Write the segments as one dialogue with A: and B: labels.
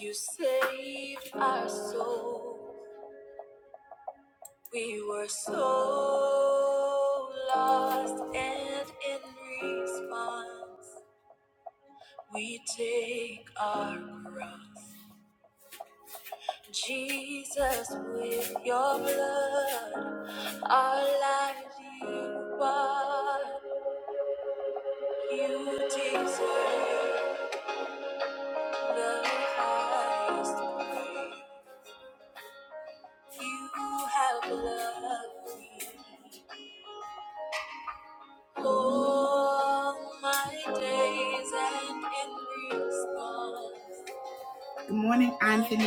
A: You saved our soul. We were so lost, and in response, we take our cross. Jesus, with your blood, our lives you bought. You deserve the highest praise. You have loved me all my days, and in response, Good morning, Anthony.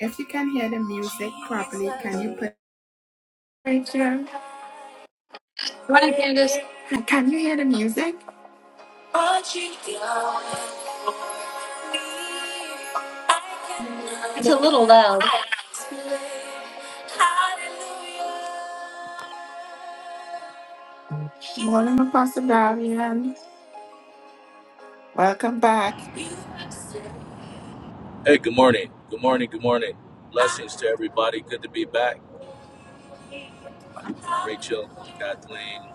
A: If you can hear the music properly, can you put? Thank you.
B: Morning, Candace.
A: Can you hear the music?
B: It's a little loud.
A: Morning, Apostle Darian. Welcome back.
C: Hey, good morning. Good morning. Good morning. Blessings to everybody. Good to be back. Rachel, Kathleen.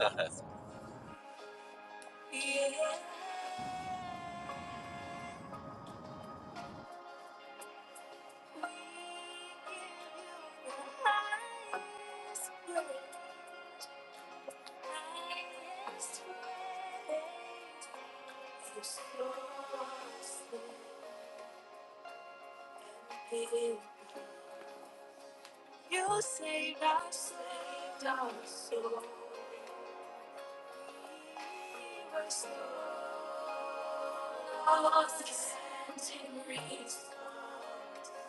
A: You saved our saved our soul. We were so lost and reached.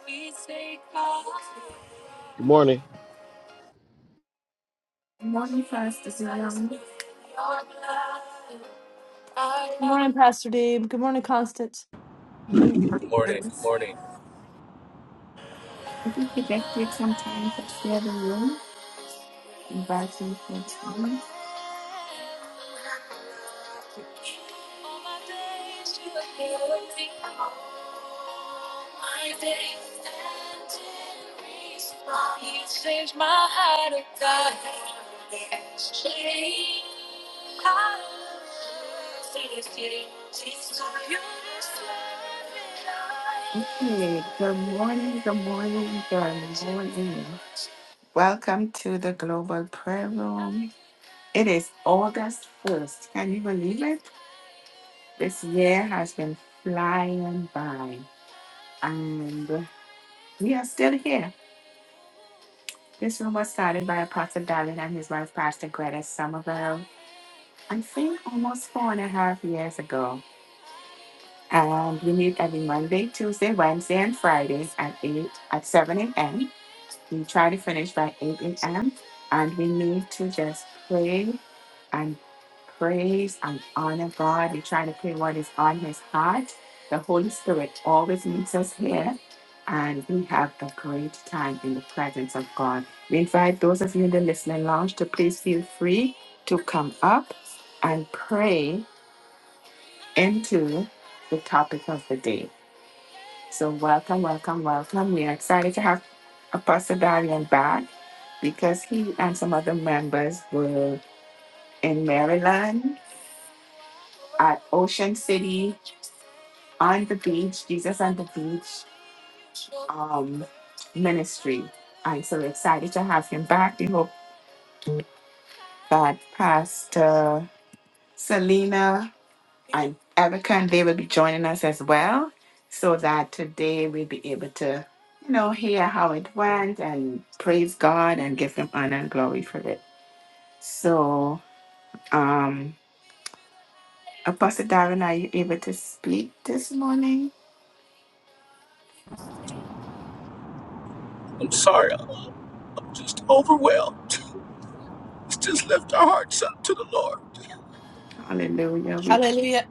A: We take our
D: Good
A: faith.
D: morning.
A: Morning fast is my own.
B: Good morning, Pastor Dave. Good morning, Constance.
A: Morning
C: good morning. Good
A: fast.
C: morning.
A: If you could get here sometime to share the room, invite you for time. All my days to help me. My days and in response. He saves my heart of God. Exchange. Hey, Good morning, good morning, good morning. Welcome to the Global Prayer Room. It is August 1st. Can you believe it? This year has been flying by. And we are still here. This room was started by Pastor Darling and his wife, Pastor Greta Somerville, I think almost four and a half years ago. And we meet every Monday, Tuesday, Wednesday, and Fridays at 8 at 7 a.m. We try to finish by 8 a.m. and we need to just pray and praise and honor God. We try to pray what is on his heart. The Holy Spirit always meets us here and we have a great time in the presence of God. We invite those of you in the listening lounge to please feel free to come up and pray into the topic of the day. So welcome, welcome, welcome. We are excited to have Apostle Darian back because he and some other members were in Maryland at Ocean City on the beach, Jesus on the beach um, ministry. I'm so excited to have him back. We hope that Pastor Selena and Erica and they will be joining us as well, so that today we'll be able to, you know, hear how it went and praise God and give Him honor and glory for it. So, um, Apostle Darren, are you able to speak this morning?
C: I'm sorry. I'm, I'm just overwhelmed. Let's just lift our hearts up to the Lord. Just
A: Hallelujah. We
B: Hallelujah.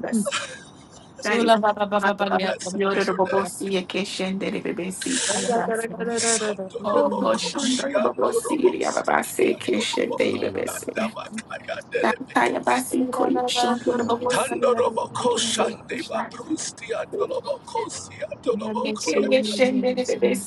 A: bless. Thank
B: Sula
A: you,
B: ba ba ba ba ba
A: Father.
B: ya ba
C: Blessed
B: ba ko
C: be your
B: sula ba.
C: name.
A: Yororobobosiyekeshenderebebesi,
B: Sula ba ba ba
A: alabanso.
B: ba ba ba ba.
A: Oh, Lord,
B: Mm.
A: Shonda, yorobobosiyababase, keshendebebesi.
D: Ra-na-na-na-na-na-na-na-si.
A: Shantaya basi
B: Sula
A: koyo
B: ba ba ko
A: shondoro
B: sula ba
A: bobosi.
B: ya ba ba ko
C: Tandoroboko
B: sula.
D: Ra-ba-ba-si-te-ke-re-ba-sa.
C: Shandeva
D: na na na na na ba
B: Ba
D: ba.
B: ba
A: Shanta
B: sula ba ya ba sula.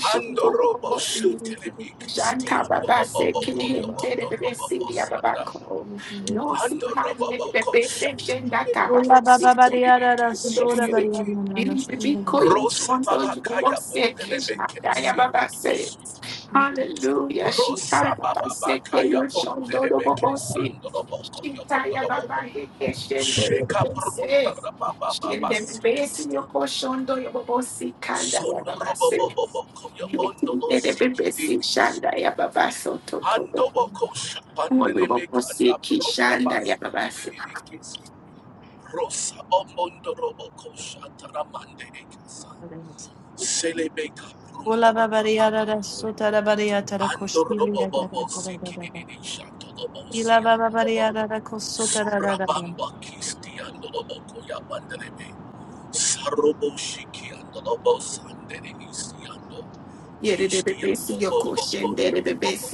C: Andorobo
B: Sula ba
C: Shatelemi
B: Sula ba ba ba ya ba ba sula ba ya ba ba ba sula ba
D: Ando bo
C: Christiano
D: bo
A: Baba
D: si te ke
A: Sekin
B: ya
C: Loboko
A: Hinted
C: Yobondo
A: the
C: Robobo
A: Bessia
C: Sata
A: Babaco.
B: ba ba sula.
A: No Sihan
D: She-te-ke-re-ba-sa.
A: did the
C: Andoroboko
D: ma na na
A: Bessection
D: si
A: that
C: Shatelemi
B: Mm.
A: Baba Sito.
C: Sitiriki
A: The Bessia.
C: Sitiriki
A: In
D: Ye re
A: Bibico,
D: re
A: you
D: re she
C: Rosa
D: te
A: Shonto,
D: ke
C: Baba
A: you
D: re ba
C: Kaya
A: almost say Kish and
C: Bondelebeke
A: Diababa
C: Sidiki
A: says.
C: Sit
A: Hallelujah. She
C: Rosa
A: tired of us
C: Baba
A: second
C: Kaya
A: your shoulder.
C: Bondelebeke Sandoroboko
A: She tired
C: Yobondo
A: of
C: Robo
A: our vacation.
C: Sheka Brunda Baba Baba
B: Mm. Mm.
C: Sikisti Sondorobo Boboko
B: Mm.
C: Yobondo Sikidiki
B: Mm.
C: Andobokosha
B: Mm.
C: pandele meki anda bronda basi idididi kesi. Rosa omondo robokosha taramande ekasa. Selebeka
B: Ola
C: brunda la
B: babariyara da
C: babagaya.
B: sotara bariyata da
C: Ando
B: koshtibriya da da
C: robobobo
B: koştibri yada da da da
C: siki
B: da da.
C: ididi shato dobo si
B: Ila
C: ando bobo.
B: babariyara da kosotara da da da. da.
C: Surabamba kisti ando doboko ya pandele me. Sarobo shiki ando robo sandele nisi ando. Kisti ya bombo bombo bombo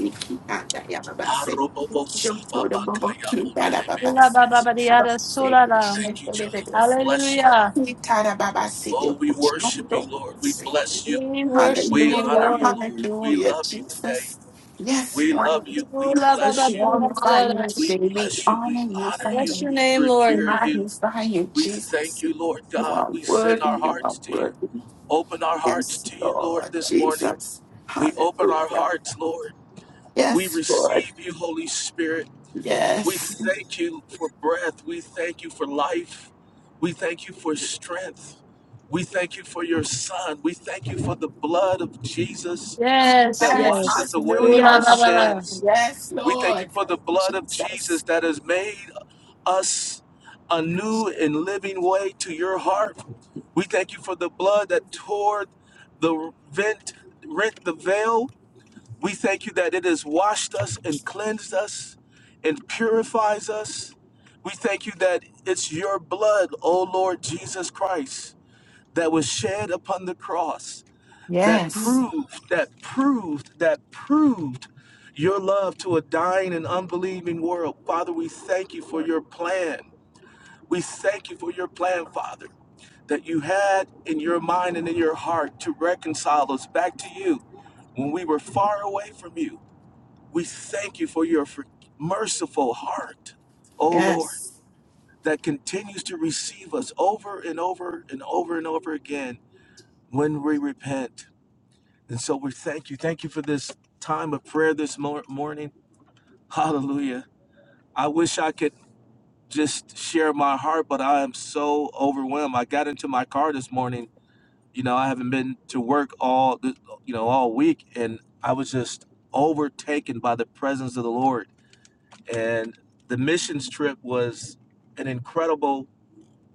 B: Ila babariyara solara.
C: Thank you, John. We bless you, Father.
B: Hallelujah.
C: Oh, we worship you, Lord. We bless you.
B: We worship
C: We
B: you,
C: honor
A: Hallelujah,
C: you,
B: Lord.
C: Lord. We
A: hallelujah,
C: love you today.
A: Jesus. Yes,
C: We love
A: Lord.
C: you. We
B: Ola
A: We
C: bless you.
A: glorify
B: babariyara
A: you
B: da.
C: We
A: today. We
C: bless you. We
A: honor you,
C: honor
B: Bless
C: you.
A: Father.
B: your
C: We
B: name,
A: We
B: Lord.
C: revere you.
A: magnify you,
C: We thank
A: Jesus.
C: you, Lord
A: You
C: God.
A: are
C: We send
A: worthy.
C: our
A: You are
C: hearts to you.
A: worthy.
C: Open our hearts
A: Yes,
C: to you, Lord,
A: Lord
C: this morning.
A: Jesus.
C: We open our
A: Hallelujah.
C: hearts, Lord. We
A: Yes, Lord.
C: receive you, Holy Spirit. We
A: Yes.
C: thank you for breath. We thank you for life. We thank you for strength. We thank you for your son. We thank you for the blood of Jesus
B: Yes,
C: that
A: Yes.
C: washes
B: yes.
C: away
B: Ola
C: our
A: Hallelujah.
B: babara.
C: sins.
A: Yes,
C: We thank you
A: Lord.
C: for the
A: Thank you,
C: blood of
A: Jesus.
C: Jesus that has made us a new and living way to your heart. We thank you for the blood that tore the rent, rent the veil we thank you that it has washed us and cleansed us and purifies us. We thank you that it's your blood, O Lord Jesus Christ, that was shed upon the cross that
A: Yes.
C: proved, that proved, that proved your love to a dying and unbelieving world. Father, we thank you for your plan. We thank you for your plan, Father, that you had in your mind and in your heart to reconcile us back to you when we were far away from you. We thank you for your for- merciful heart, O Lord,
A: Yes.
C: that continues to receive us over and over and over and over again when we repent. And so we thank you. Thank you for this time of prayer this mor- morning. Hallelujah. I wish I could just share my heart, but I am so overwhelmed. I got into my car this morning. You know, I haven't been to work all, th- you know, all week, and I was just overtaken by the presence of the Lord And the missions trip was an incredible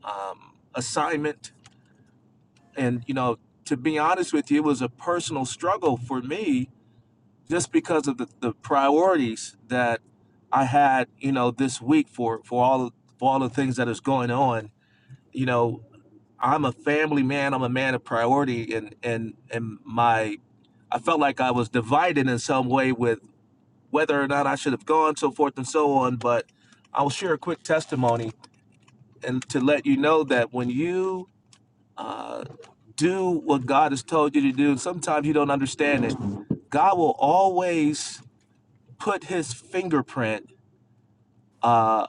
C: um, assignment. And, you know, to be honest with you, it was a personal struggle for me just because of the, the priorities that I had, you know, this week for, for all for all the things that is going on. You know, I'm a family man, I'm a man of priority and and and my I felt like I was divided in some way with whether or not I should have gone, so forth and so on. But I'll share a quick testimony and to let you know that when you uh, do what God has told you to do, sometimes you don't understand it. God will always put His fingerprint uh,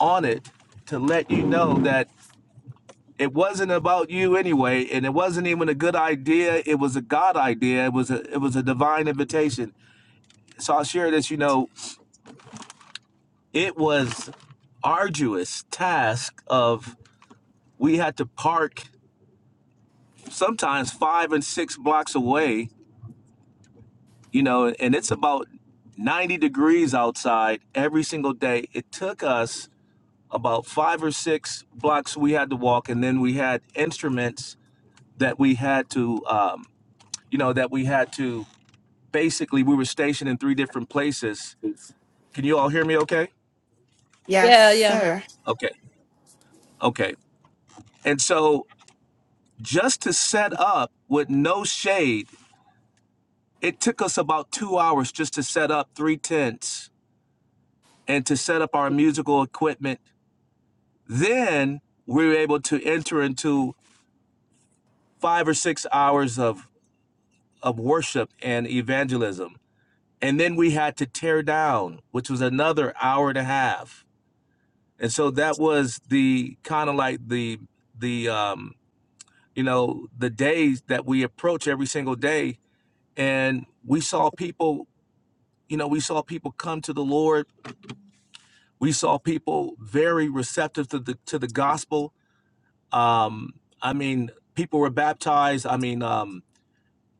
C: on it to let you know that it wasn't about you anyway, and it wasn't even a good idea. It was a God idea. It was a it was a divine invitation. So I'll share this. You know, it was arduous task of we had to park sometimes five and six blocks away you know, and it's about 90 degrees outside every single day. It took us about five or six blocks we had to walk, and then we had instruments that we had to, um, you know, that we had to basically, we were stationed in three different places. Can you all hear me okay?
A: Yes,
B: Yeah, yeah.
A: sir.
C: Okay, okay. And so just to set up with no shade, it took us about two hours just to set up three tents and to set up our musical equipment Then we were able to enter into five or six hours of, of worship and evangelism. And then we had to tear down, which was another hour and a half. And so that was the kind of like the the um, you know the days that we approach every single day. And we saw people, you know, we saw people come to the Lord. We saw people very receptive to the to the gospel. Um, I mean, people were baptized. I mean, um,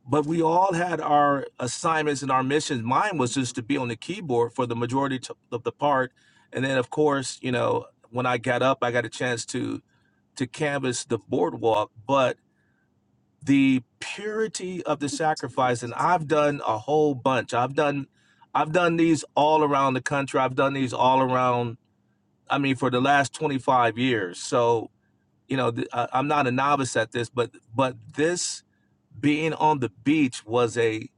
C: but we all had our assignments and our missions. Mine was just to be on the keyboard for the majority to, of the part, and then of course, you know, when I got up, I got a chance to to canvas the boardwalk. But the purity of the sacrifice, and I've done a whole bunch. I've done, I've done these all around the country. I've done these all around. I mean, for the last twenty five years. So you know, th- I, I'm not a novice at this, but but this being on the beach was a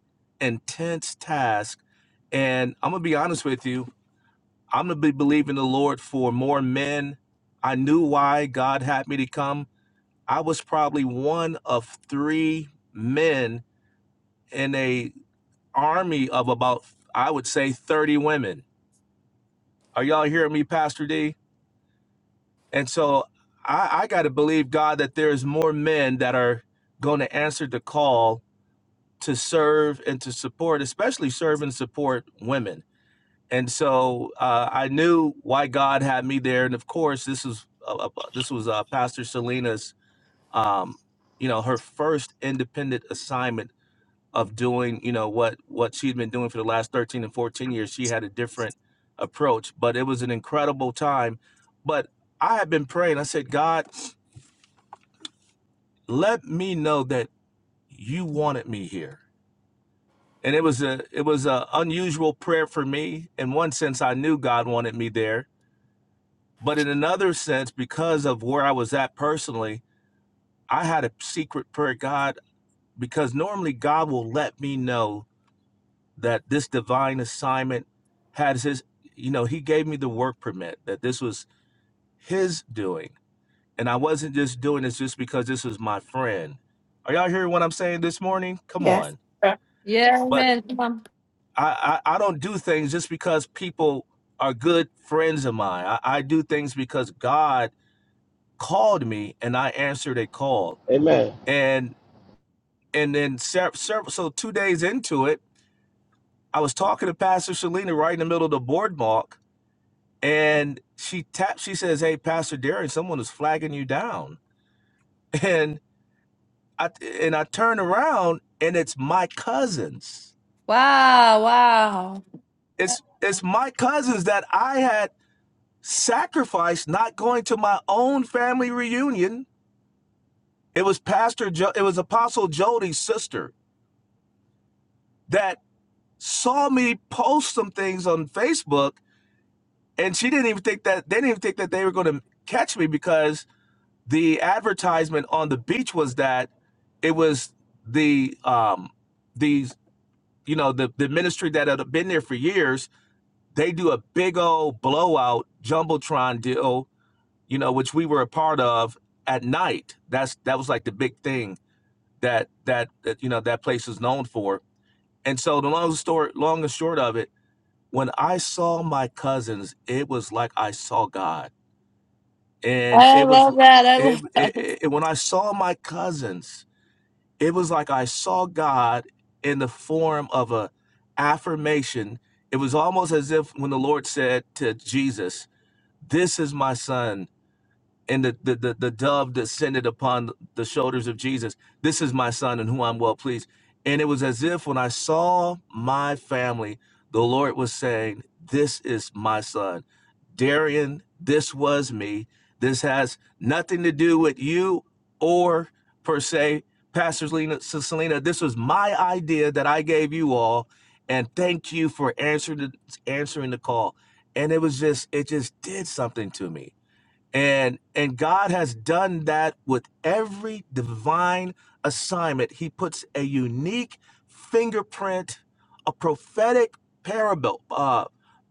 C: intense task and i'm gonna be honest with you i'm gonna be believing the lord for more men i knew why god had me to come i was probably one of three men in a army of about i would say 30 women are y'all hearing me pastor d and so i, I gotta believe god that there's more men that are gonna answer the call to serve and to support, especially serve and support women. And so uh, I knew why God had me there. And of course, this was uh, uh, this was uh, Pastor Selena's, um, you know, her first independent assignment of doing, you know, what what she'd been doing for the last 13 and 14 years. She had a different approach, but it was an incredible time. But I had been praying. I said, God, let me know that you wanted me here and it was a it was a unusual prayer for me in one sense i knew god wanted me there but in another sense because of where i was at personally i had a secret prayer god because normally god will let me know that this divine assignment has his you know he gave me the work permit that this was his doing and i wasn't just doing this just because this was my friend are y'all hearing what i'm saying this morning come
A: Yes.
C: on
B: Yeah,
C: but.
B: amen. Come on.
C: I, I, I don't do things just because people are good friends of mine. I, I do things because God called me and I answered a call.
D: Amen.
C: And and then ser- ser- so two days into it, I was talking to Pastor Shalina right in the middle of the boardwalk, and she tapped. She says, "Hey, Pastor Darren, someone is flagging you down." And I and I turn around and it's my cousins.
B: Wow, wow.
C: It's it's my cousins that I had sacrifice not going to my own family reunion. It was Pastor jo- it was Apostle Jody's sister that saw me post some things on Facebook and she didn't even think that they didn't even think that they were going to catch me because the advertisement on the beach was that it was the um these you know the the ministry that had been there for years they do a big old blowout jumbotron deal you know, which we were a part of at night. That's that was like the big thing that that, that you know that place is known for. And so the long story, long and short of it, when I saw my cousins, it was like I saw God, and
B: I
C: it was
B: love that. I
C: it,
B: love that.
C: it, it when I saw my cousins, it was like I saw God in the form of a affirmation. It was almost as if when the Lord said to Jesus, "This is my son." and the, the, the, the dove descended upon the shoulders of Jesus. This is my son in whom I'm well pleased. And it was as if when I saw my family, the Lord was saying, This is my son. Darian, this was me. This has nothing to do with you or per se, Pastor Selena, Sis Selena. This was my idea that I gave you all. And thank you for answering the, answering the call. And it was just, it just did something to me and and God has done that with every divine assignment. He puts a unique fingerprint, a prophetic parable, uh,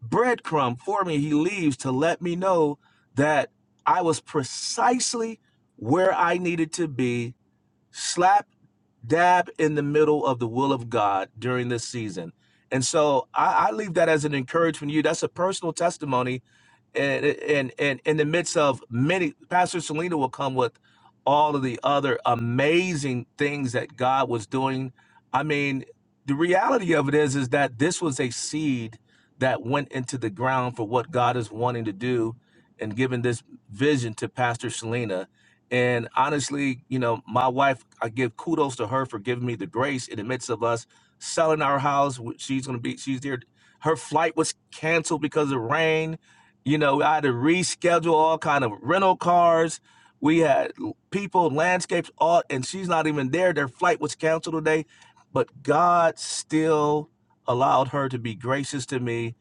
C: breadcrumb for me. He leaves to let me know that I was precisely where I needed to be, slap dab in the middle of the will of God during this season. And so I, I leave that as an encouragement to you. That's a personal testimony and and and in the midst of many pastor selena will come with all of the other amazing things that god was doing i mean the reality of it is is that this was a seed that went into the ground for what god is wanting to do and giving this vision to pastor selena and honestly you know my wife i give kudos to her for giving me the grace in the midst of us selling our house she's going to be she's there her flight was canceled because of rain you know, I had to reschedule all kind of rental cars. We had people, landscapes, all, and she's not even there. Their flight was canceled today, but God still allowed her to be gracious to me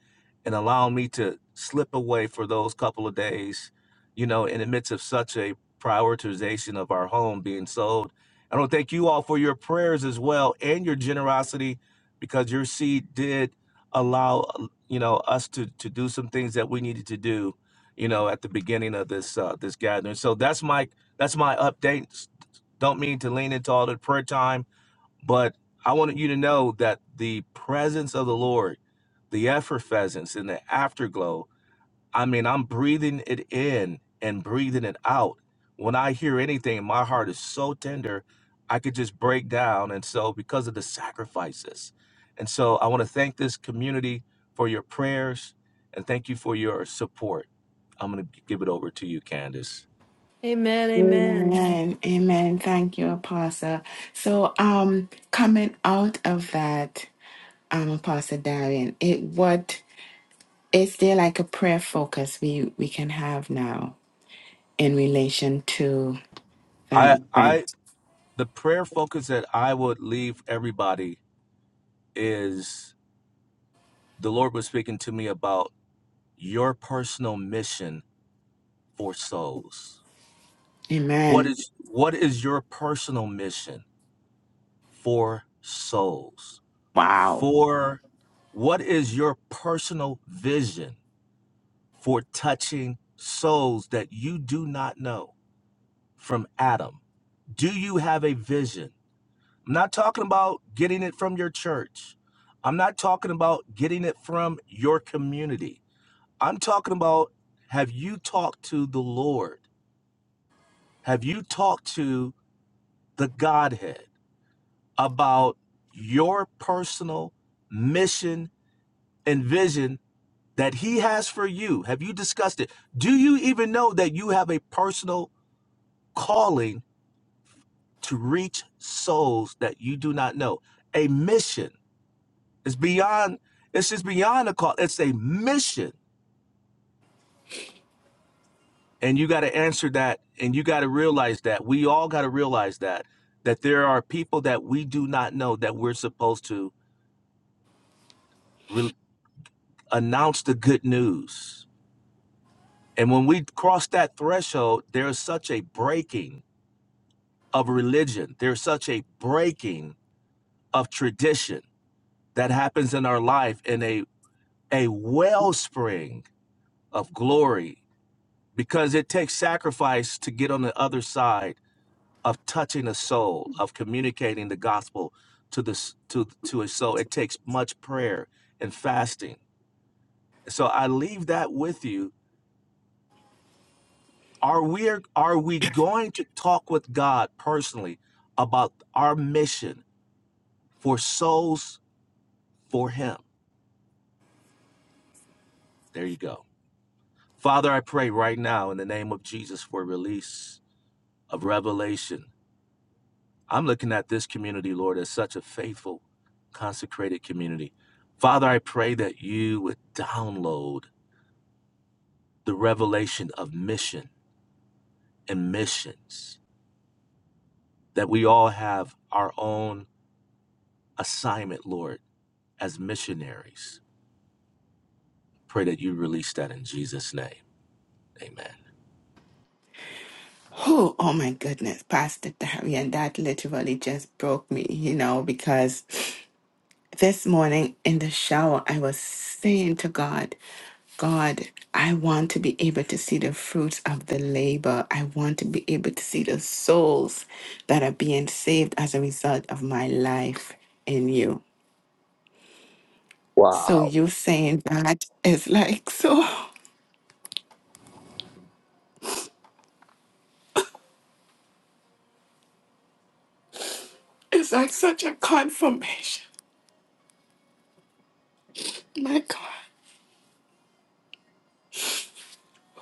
C: and allow me to slip away for those couple of days. You know, in the midst of such a prioritization of our home being sold. I want to thank you all for your prayers as well and your generosity, because your seed did allow uh, you know us to to do some things that we needed to do you know at the beginning of this uh this gathering so that's my that's my update don't mean to lean into all the prayer time but i wanted you to know that the presence of the lord the effervescence and the afterglow I mean, I'm breathing it in and breathing it out. When I hear anything, my heart is so tender, I could just break down. And so, because of the sacrifices. And so, I want to thank this community for your prayers and thank you for your support. I'm going to give it over to you, Candace.
B: Amen, amen.
A: Amen. Amen. Thank you, Apostle. So, um, coming out of that, um, Apostle Darian, it what is there like a prayer focus we we can have now in relation to that
C: I, I,
A: event?
C: the prayer focus that I would leave everybody is the Lord was speaking to me about your personal mission for souls What
A: Amen.
C: is what is your personal mission for souls?
A: Wow.
C: For what is your personal vision for touching souls that you do not know from Adam? Do you have a vision? I'm not talking about getting it from your church. I'm not talking about getting it from your community. I'm talking about have you talked to the Lord? Have you talked to the Godhead? about your personal mission and vision that He has for you? Have you discussed it? Do you even know that you have a personal calling to reach souls that you do not know? A mission. is beyond, it's just beyond a call. It's a mission. And you got to answer that and you got to realize that. We all got to realize that. That there are people that we do not know that we're supposed to re- announce the good news And when we cross that threshold, there's such a breaking of religion. There's such a breaking of tradition that happens in our life in a, a wellspring of glory because it takes sacrifice to get on the other side of touching a soul, of communicating the gospel to the s- to to a soul. It takes much prayer and fasting. So I leave that with you Are we are we going to talk with God personally about our mission for souls for him? There you go. Father, I pray right now in the name of Jesus for release of revelation. I'm looking at this community, Lord, as such a faithful, consecrated community. Father, I pray that you would download the revelation of mission and missions, that we all have our own assignment, Lord, as missionaries. Pray that you release that in Jesus' name. Amen.
A: Oh, oh my goodness, Pastor Darian, that literally just broke me, you know, because This morning in the shower, I was saying to God, God, I want to be able to see the fruits of the labor. I want to be able to see the souls that are being saved as a result of my life in you. So
C: Wow.
A: you saying that is like so it's like such a confirmation. My God.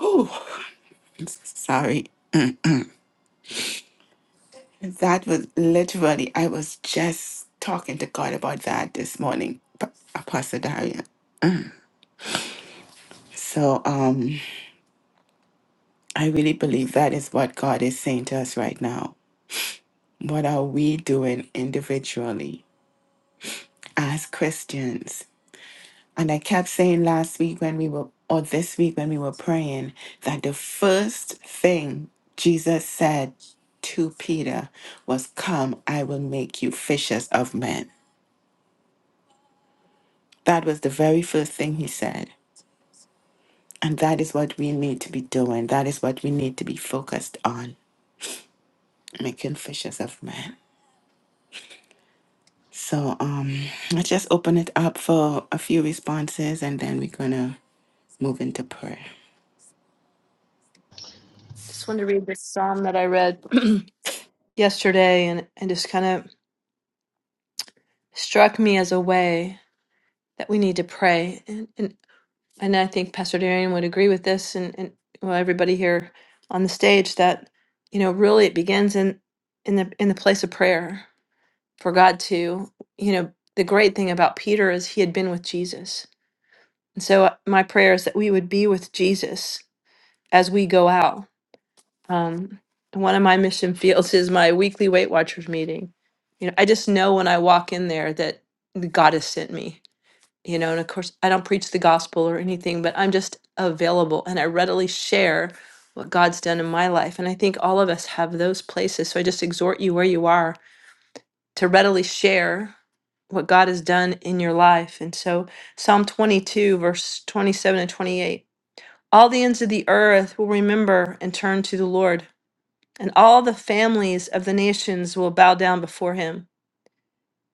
A: Oh sorry. That was literally I was just talking to God about that this morning, Pa- Apostle Darian. So um, I really believe that is what God is saying to us right now. What are we doing individually as Christians? And I kept saying last week when we were, or this week when we were praying, that the first thing Jesus said to Peter was, Come, I will make you fishers of men. That was the very first thing he said. And that is what we need to be doing. That is what we need to be focused on, making fishers of men. So um, let's just open it up for a few responses and then we're going to move into prayer.
B: Just wanted to read this psalm that I read yesterday, and and just kind of struck me as a way that we need to pray. And and, and I think Pastor Darian would agree with this, and and well, everybody here on the stage that you know really it begins in in the place of prayer for God to you know the great thing about Peter is he had been with Jesus, and so uh, my prayer is that we would be with Jesus as we go out Um, one of my mission fields is my weekly Weight Watchers meeting. You know, I just know when I walk in there that God has sent me. You know, and of course, I don't preach the gospel or anything, but I'm just available and I readily share what God's done in my life. And I think all of us have those places. So I just exhort you where you are to readily share what God has done in your life. And so, Psalm 22, verse 27 and 28 all the ends of the earth will remember and turn to the Lord and all the families of the nations will bow down before him.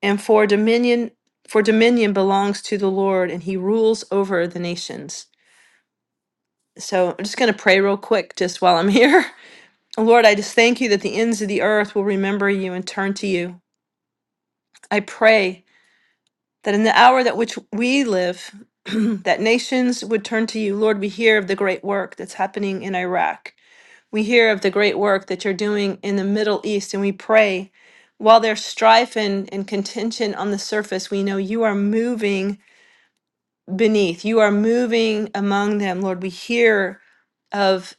B: And for dominion, for dominion belongs to the Lord, and he rules over the nations. So I'm just going to pray real quick just while I'm here. Lord, I just thank you that the ends of the earth will remember you and turn to you. I pray that in the hour that which we live, that nations would turn to you. Lord, we hear of the great work that's happening in Iraq. We hear of the great work that you're doing in the Middle East, and we pray while there's strife and, and contention on the surface, we know you are moving beneath, you are moving among them. Lord, we hear of,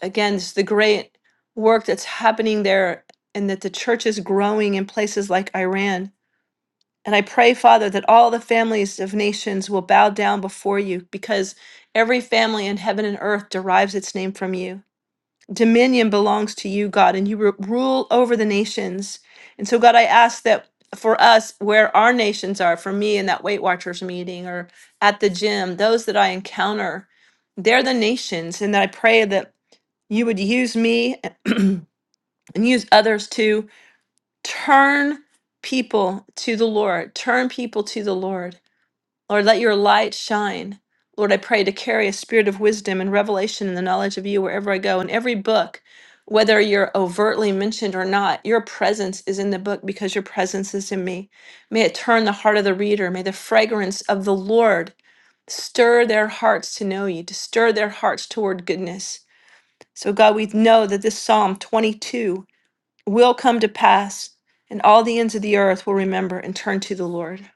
B: again, just the great work that's happening there and that the church is growing in places like Iran. And I pray, Father, that all the families of nations will bow down before you because every family in heaven and earth derives its name from you dominion belongs to you, God, and you ru- rule over the nations. And so, God, I ask that for us, where our nations are, for me in that Weight Watchers meeting or at the gym, those that I encounter, they're the nations. And that I pray that you would use me and use others to turn people to the Lord, turn people to the Lord. Lord, let your light shine. Lord, I pray to carry a spirit of wisdom and revelation and the knowledge of you wherever I go. In every book, whether you're overtly mentioned or not, your presence is in the book because your presence is in me. May it turn the heart of the reader. May the fragrance of the Lord stir their hearts to know you, to stir their hearts toward goodness. So, God, we know that this Psalm 22 will come to pass, and all the ends of the earth will remember and turn to the Lord.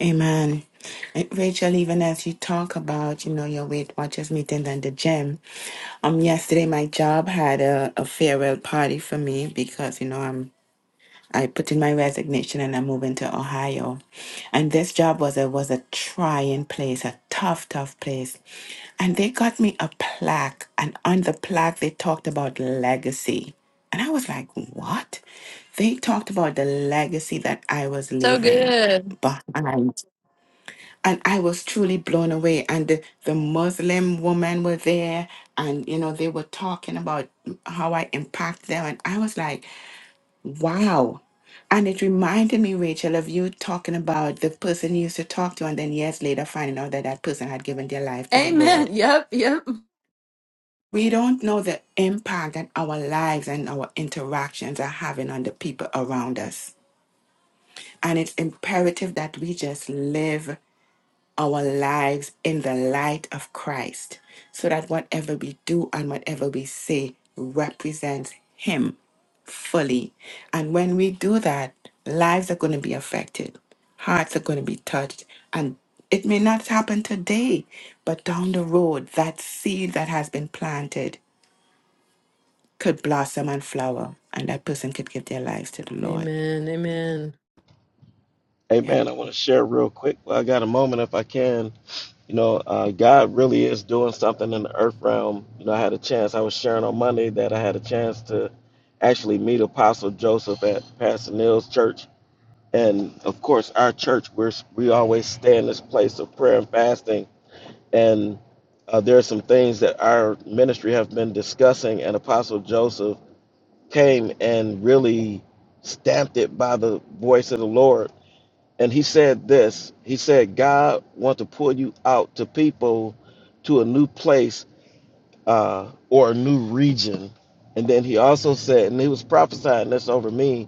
A: Amen. Eh, Rachel, even as you talk about, you know, your Weight Watchers meeting and the gym, um, yesterday my job had a, a farewell party for me because, you know, I'm I put in my resignation and I moved into Ohio. And this job was a was a trying place, a tough, tough place. And they got me a plaque, and on the plaque they talked about legacy. And I was like, what? They talked about the legacy that I was
B: So
A: leaving
B: good.
A: behind. And I was truly blown away. And the, the Muslim women were there, and you know, they were talking about how I impact them. And I was like, Wow. And it reminded me, Rachel, of you talking about the person you used to talk to, and then years later finding out that that person had given their life to the
B: Amen.
A: Lord.
B: Yep. Yep.
A: We don't know the impact that our lives and our interactions are having on the people around us. And it's imperative that we just live our lives in the light of Christ so that whatever we do and whatever we say represents Him fully. And when we do that, lives are going to be affected, hearts are going to be touched, and it may not happen today, but down the road, that seed that has been planted could blossom and flower, and that person could give their lives to the Lord. Yeah.
D: Amen. I want to share real quick. Well, I got a moment if I can. You know, uh, God really is doing something in the earth realm. You know, I had a chance. I was sharing on Monday that I had a chance to actually meet Apostle Joseph at Pastor Neal's church And of course, our church, we're, we always stay in this place of prayer and fasting. And uh, there are some things that our ministry have been discussing, and Apostle Joseph came and really stamped it by the voice of the Lord. And he said this He said, God wants to pull you out to people to a new place uh, or a new region. And then he also said, and he was prophesying this over me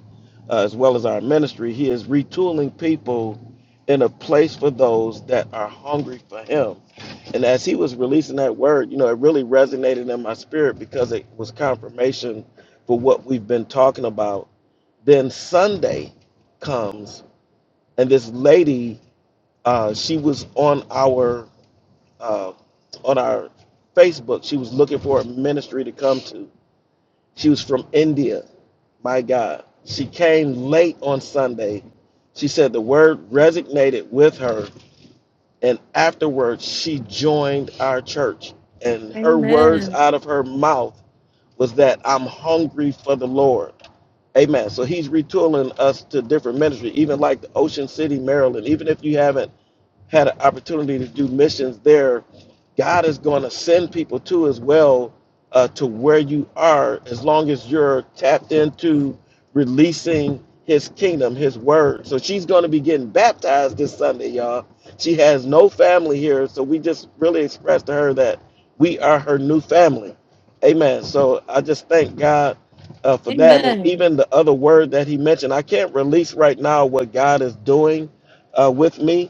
D: uh, as well as our ministry, he is retooling people in a place for those that are hungry for him. And as he was releasing that word, you know, it really resonated in my spirit because it was confirmation for what we've been talking about. Then Sunday comes, and this lady, uh, she was on our uh, on our Facebook. She was looking for a ministry to come to. She was from India. My God. She came late on Sunday. She said the word resonated with her. And afterwards, she joined our church. And her words
B: Amen.
D: out of her mouth was that I'm hungry for the Lord. Amen. So he's retooling us to different ministry, even like the Ocean City, Maryland. Even if you haven't had an opportunity to do missions there, God is going to send people to as well uh, to where you are, as long as you're tapped into releasing His kingdom, His word. So she's going to be getting baptized this Sunday, y'all. She has no family here, so we just really expressed to her that we are her new family. Amen. So I just thank God uh, for that, and
B: Amen.
D: even the other word that He mentioned. I can't release right now what God is doing uh, with me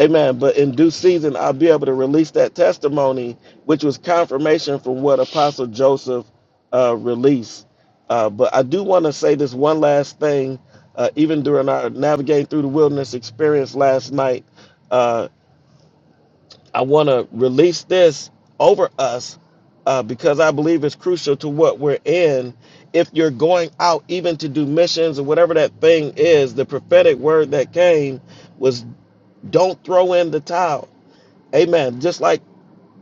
D: Amen. But in due season, I'll be able to release that testimony, which was confirmation from what Apostle Joseph uh, released. Uh, but I do want to say this one last thing. Uh, even during our navigating through the wilderness experience last night, uh, I want to release this over us uh, because I believe it's crucial to what we're in. If you're going out, even to do missions or whatever that thing is, the prophetic word that came was don't throw in the towel Amen. Just like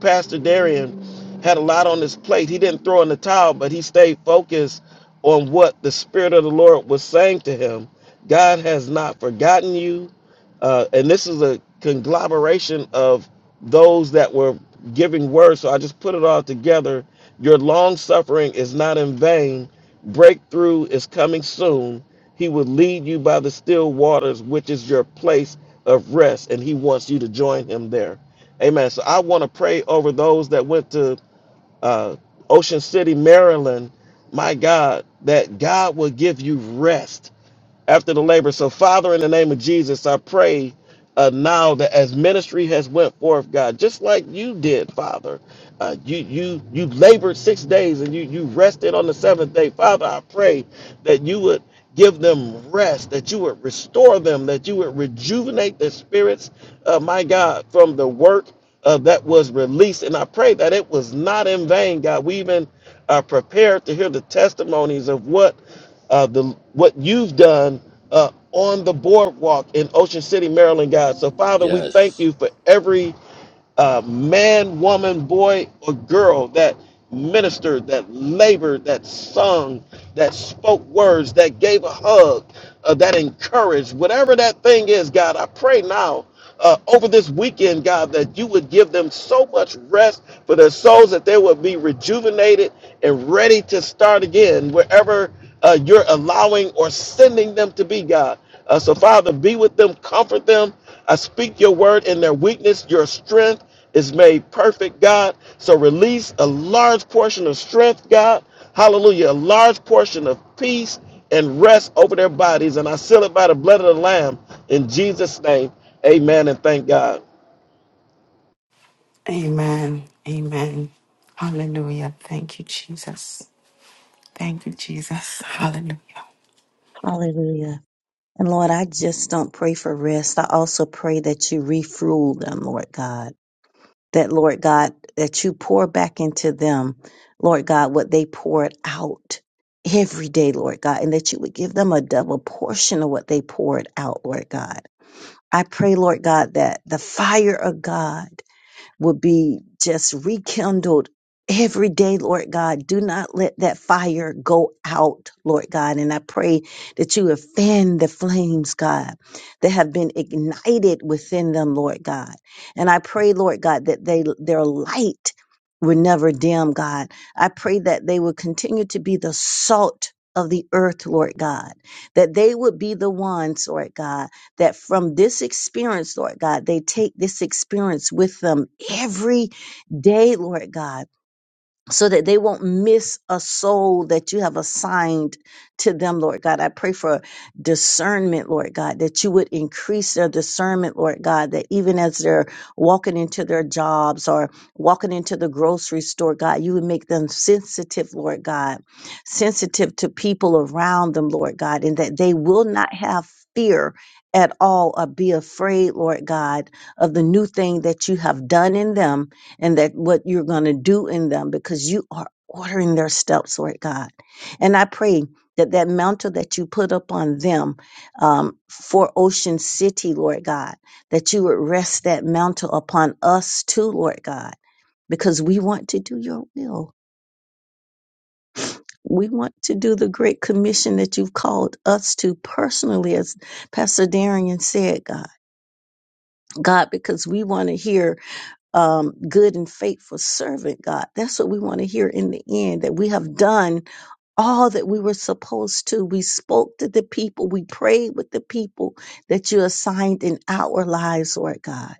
D: Pastor Darian had a lot on his plate, he didn't throw in the towel, but he stayed focused on what the Spirit of the Lord was saying to him. God has not forgotten you uh, and this is a conglomeration of those that were giving words. So I just put it all together. Your long suffering is not in vain. Breakthrough is coming soon. He will lead you by the still waters, which is your place of rest, and He wants you to join Him there. Amen. So I want to pray over those that went to uh, Ocean City, Maryland. My God, that God will give you rest after the labor. So, Father, in the name of Jesus, I pray uh, now that as ministry has went forth, God, just like you did, Father, uh, you you you labored six days and you you rested on the seventh day, Father. I pray that you would give them rest, that you would restore them, that you would rejuvenate their spirits, uh, my God, from the work. Uh, that was released, and I pray that it was not in vain, God. We even are prepared to hear the testimonies of what uh, the what you've done uh, on the boardwalk in Ocean City, Maryland, God. So, Father, we thank
C: Yes.
D: you for every uh, man, woman, boy, or girl that ministered, that labored, that sung, that spoke words, that gave a hug, uh, that encouraged, whatever that thing is, God. I pray now uh, over this weekend, God, that you would give them so much rest for their souls that they would be rejuvenated and ready to start again wherever uh, you're allowing or sending them to be, God. Uh, so, Father, be with them, comfort them. I speak your word in their weakness, your strength is made perfect, God. So release a large portion of strength, God. Hallelujah. A large portion of peace and rest over their bodies. And I seal it by the blood of the Lamb in Jesus' name. Amen and thank God.
A: Amen. Amen. Hallelujah. Thank you, Jesus. Thank you, Jesus. Hallelujah.
E: Hallelujah. And Lord, I just don't pray for rest. I also pray that you refuel them, Lord God. That, Lord God, that you pour back into them, Lord God, what they poured out every day, Lord God, and that you would give them a double portion of what they poured out, Lord God. I pray, Lord God, that the fire of God would be just rekindled every day, Lord God. Do not let that fire go out, Lord God. And I pray that you would fan the flames, God, that have been ignited within them, Lord God. And I pray, Lord God, that they their light will never dim, God. I pray that they will continue to be the salt of the earth, Lord God, that they would be the ones, Lord God that from this experience, Lord God, they take this experience with them every day, Lord God so that they won't miss a soul that you have assigned to them, Lord God. I pray for discernment, Lord God, that you would increase their discernment, Lord God, that even as they're walking into their jobs or walking into the grocery store, God, you would make them sensitive, Lord God, sensitive to people around them, Lord God, and that they will not have fear at all or be afraid, Lord God, of the new thing that you have done in them and that what you're going to do in them because you are ordering their steps, Lord God. And I pray that that mantle that you put upon them um, for Ocean City, Lord God, that you would rest that mantle upon us too, Lord God, because we want to do your will. We want to do the great commission that you've called us to personally, as Pastor Darian said, God. God, because we want to hear um, good and faithful servant, God. That's what we want to hear in the end that we have done all that we were supposed to. We spoke to the people, we prayed with the people that you assigned in our lives, Lord God.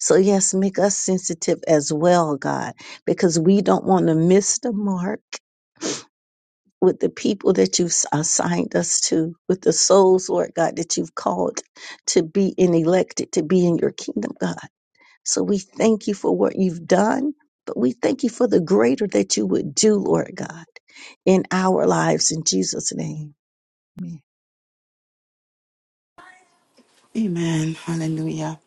E: So, yes, make us sensitive as well, God, because we don't want to miss the mark. With the people that you've assigned us to, with the souls, Lord God, that you've called to be in elected, to be in your kingdom, God. So we thank you for what you've done, but we thank you for the greater that you would do, Lord God, in our lives in Jesus' name. Amen.
A: Amen. Hallelujah.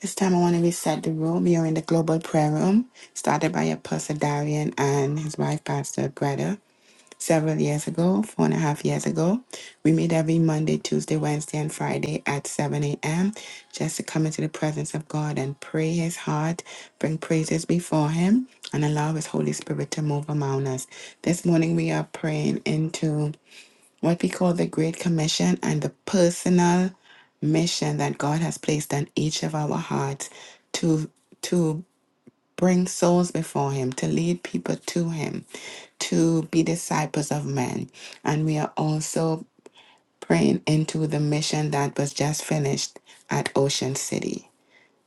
A: This time I want to reset the room. We are in the global prayer room, started by Apostle Darian and his wife, Pastor Greta. several years ago, four and a half years ago. We meet every Monday, Tuesday, Wednesday, and Friday at 7 a.m. just to come into the presence of God and pray His heart, bring praises before Him, and allow His Holy Spirit to move among us. This morning we are praying into what we call the Great Commission and the personal mission that God has placed on each of our hearts to to bring souls before him, to lead people to him, to be disciples of men. And we are also praying into the mission that was just finished at Ocean City.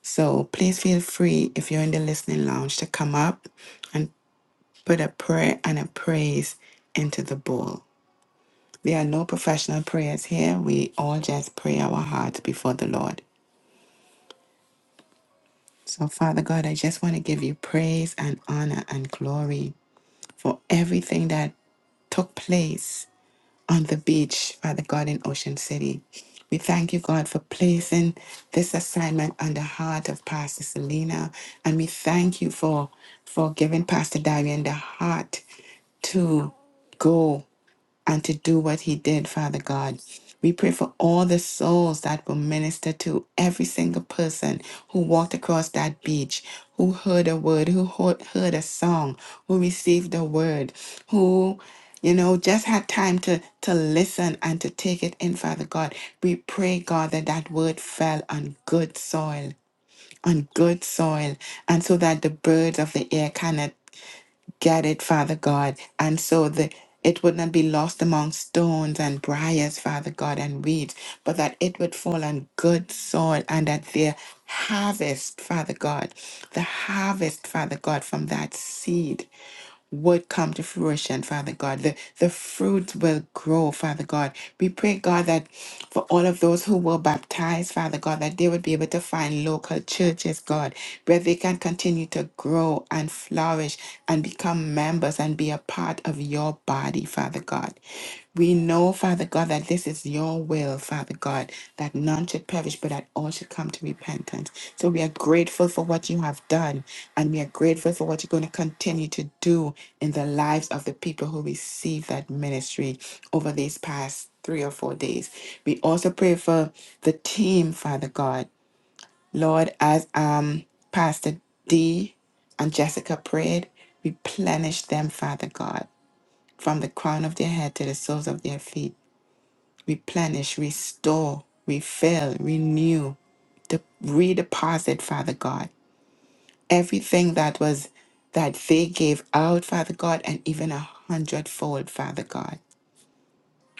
A: So please feel free, if you're in the listening lounge, to come up and put a prayer and a praise into the bowl. There are no professional prayers here. We all just pray our hearts before the Lord. So, Father God, I just want to give you praise and honor and glory for everything that took place on the beach, Father God, in Ocean City. We thank you, God, for placing this assignment on the heart of Pastor Selena. And we thank you for, for giving Pastor Darian the heart to go and to do what he did, Father God. We pray for all the souls that were ministered to, every single person who walked across that beach, who heard a word, who ho- heard a song, who received a word, who you know, just had time to to listen and to take it in, Father God. We pray, God, that that word fell on good soil, on good soil, and so that the birds of the air cannot Get it, Father God. And so the it would not be lost among stones and briars, Father God, and weeds, but that it would fall on good soil and that their harvest, Father God, the harvest, Father God, from that seed would come to fruition, Father God. The, the fruit will grow, Father God. We pray, God, that for all of those who were baptized, Father God, that they would be able to find local churches, God, where they can continue to grow and flourish and become members and be a part of your body, Father God. We know, Father God, that this is your will, Father God, that none should perish, but that all should come to repentance. So we are grateful for what you have done, and we are grateful for what you're going to continue to do in the lives of the people who receive that ministry over these past three or four days. We also pray for the team, Father God. Lord, as um Pastor D and Jessica prayed, replenish them, Father God, from the crown of their head to the soles of their feet replenish, restore, refill, renew, de- redeposit, Father God, everything that was that they gave out, Father God, and even a hundredfold, Father God.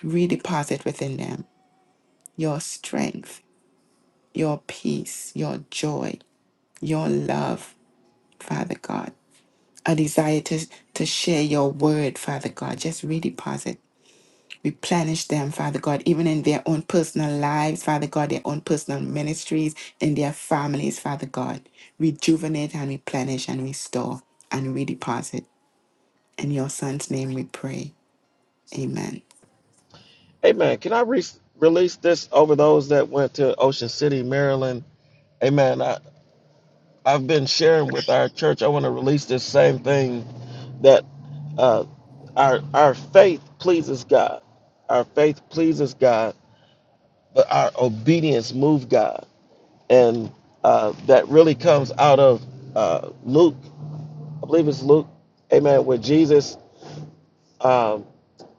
A: Redeposit within them your strength, your peace, your joy, your love, Father God. A desire to, to share your word, Father God. Just redeposit Replenish them, Father God, even in their own personal lives, Father God, their own personal ministries, in their families, Father God. Rejuvenate and replenish and restore and redeposit. In your son's name we pray. Amen.
D: Amen. Can I re- release this over those that went to Ocean City, Maryland? Amen. I, I've been sharing with our church. I want to release this same thing that uh, our our faith pleases God. Our faith pleases God, but our obedience moves God, and uh, that really comes out of uh, Luke. I believe it's Luke. Amen. Where Jesus. Um,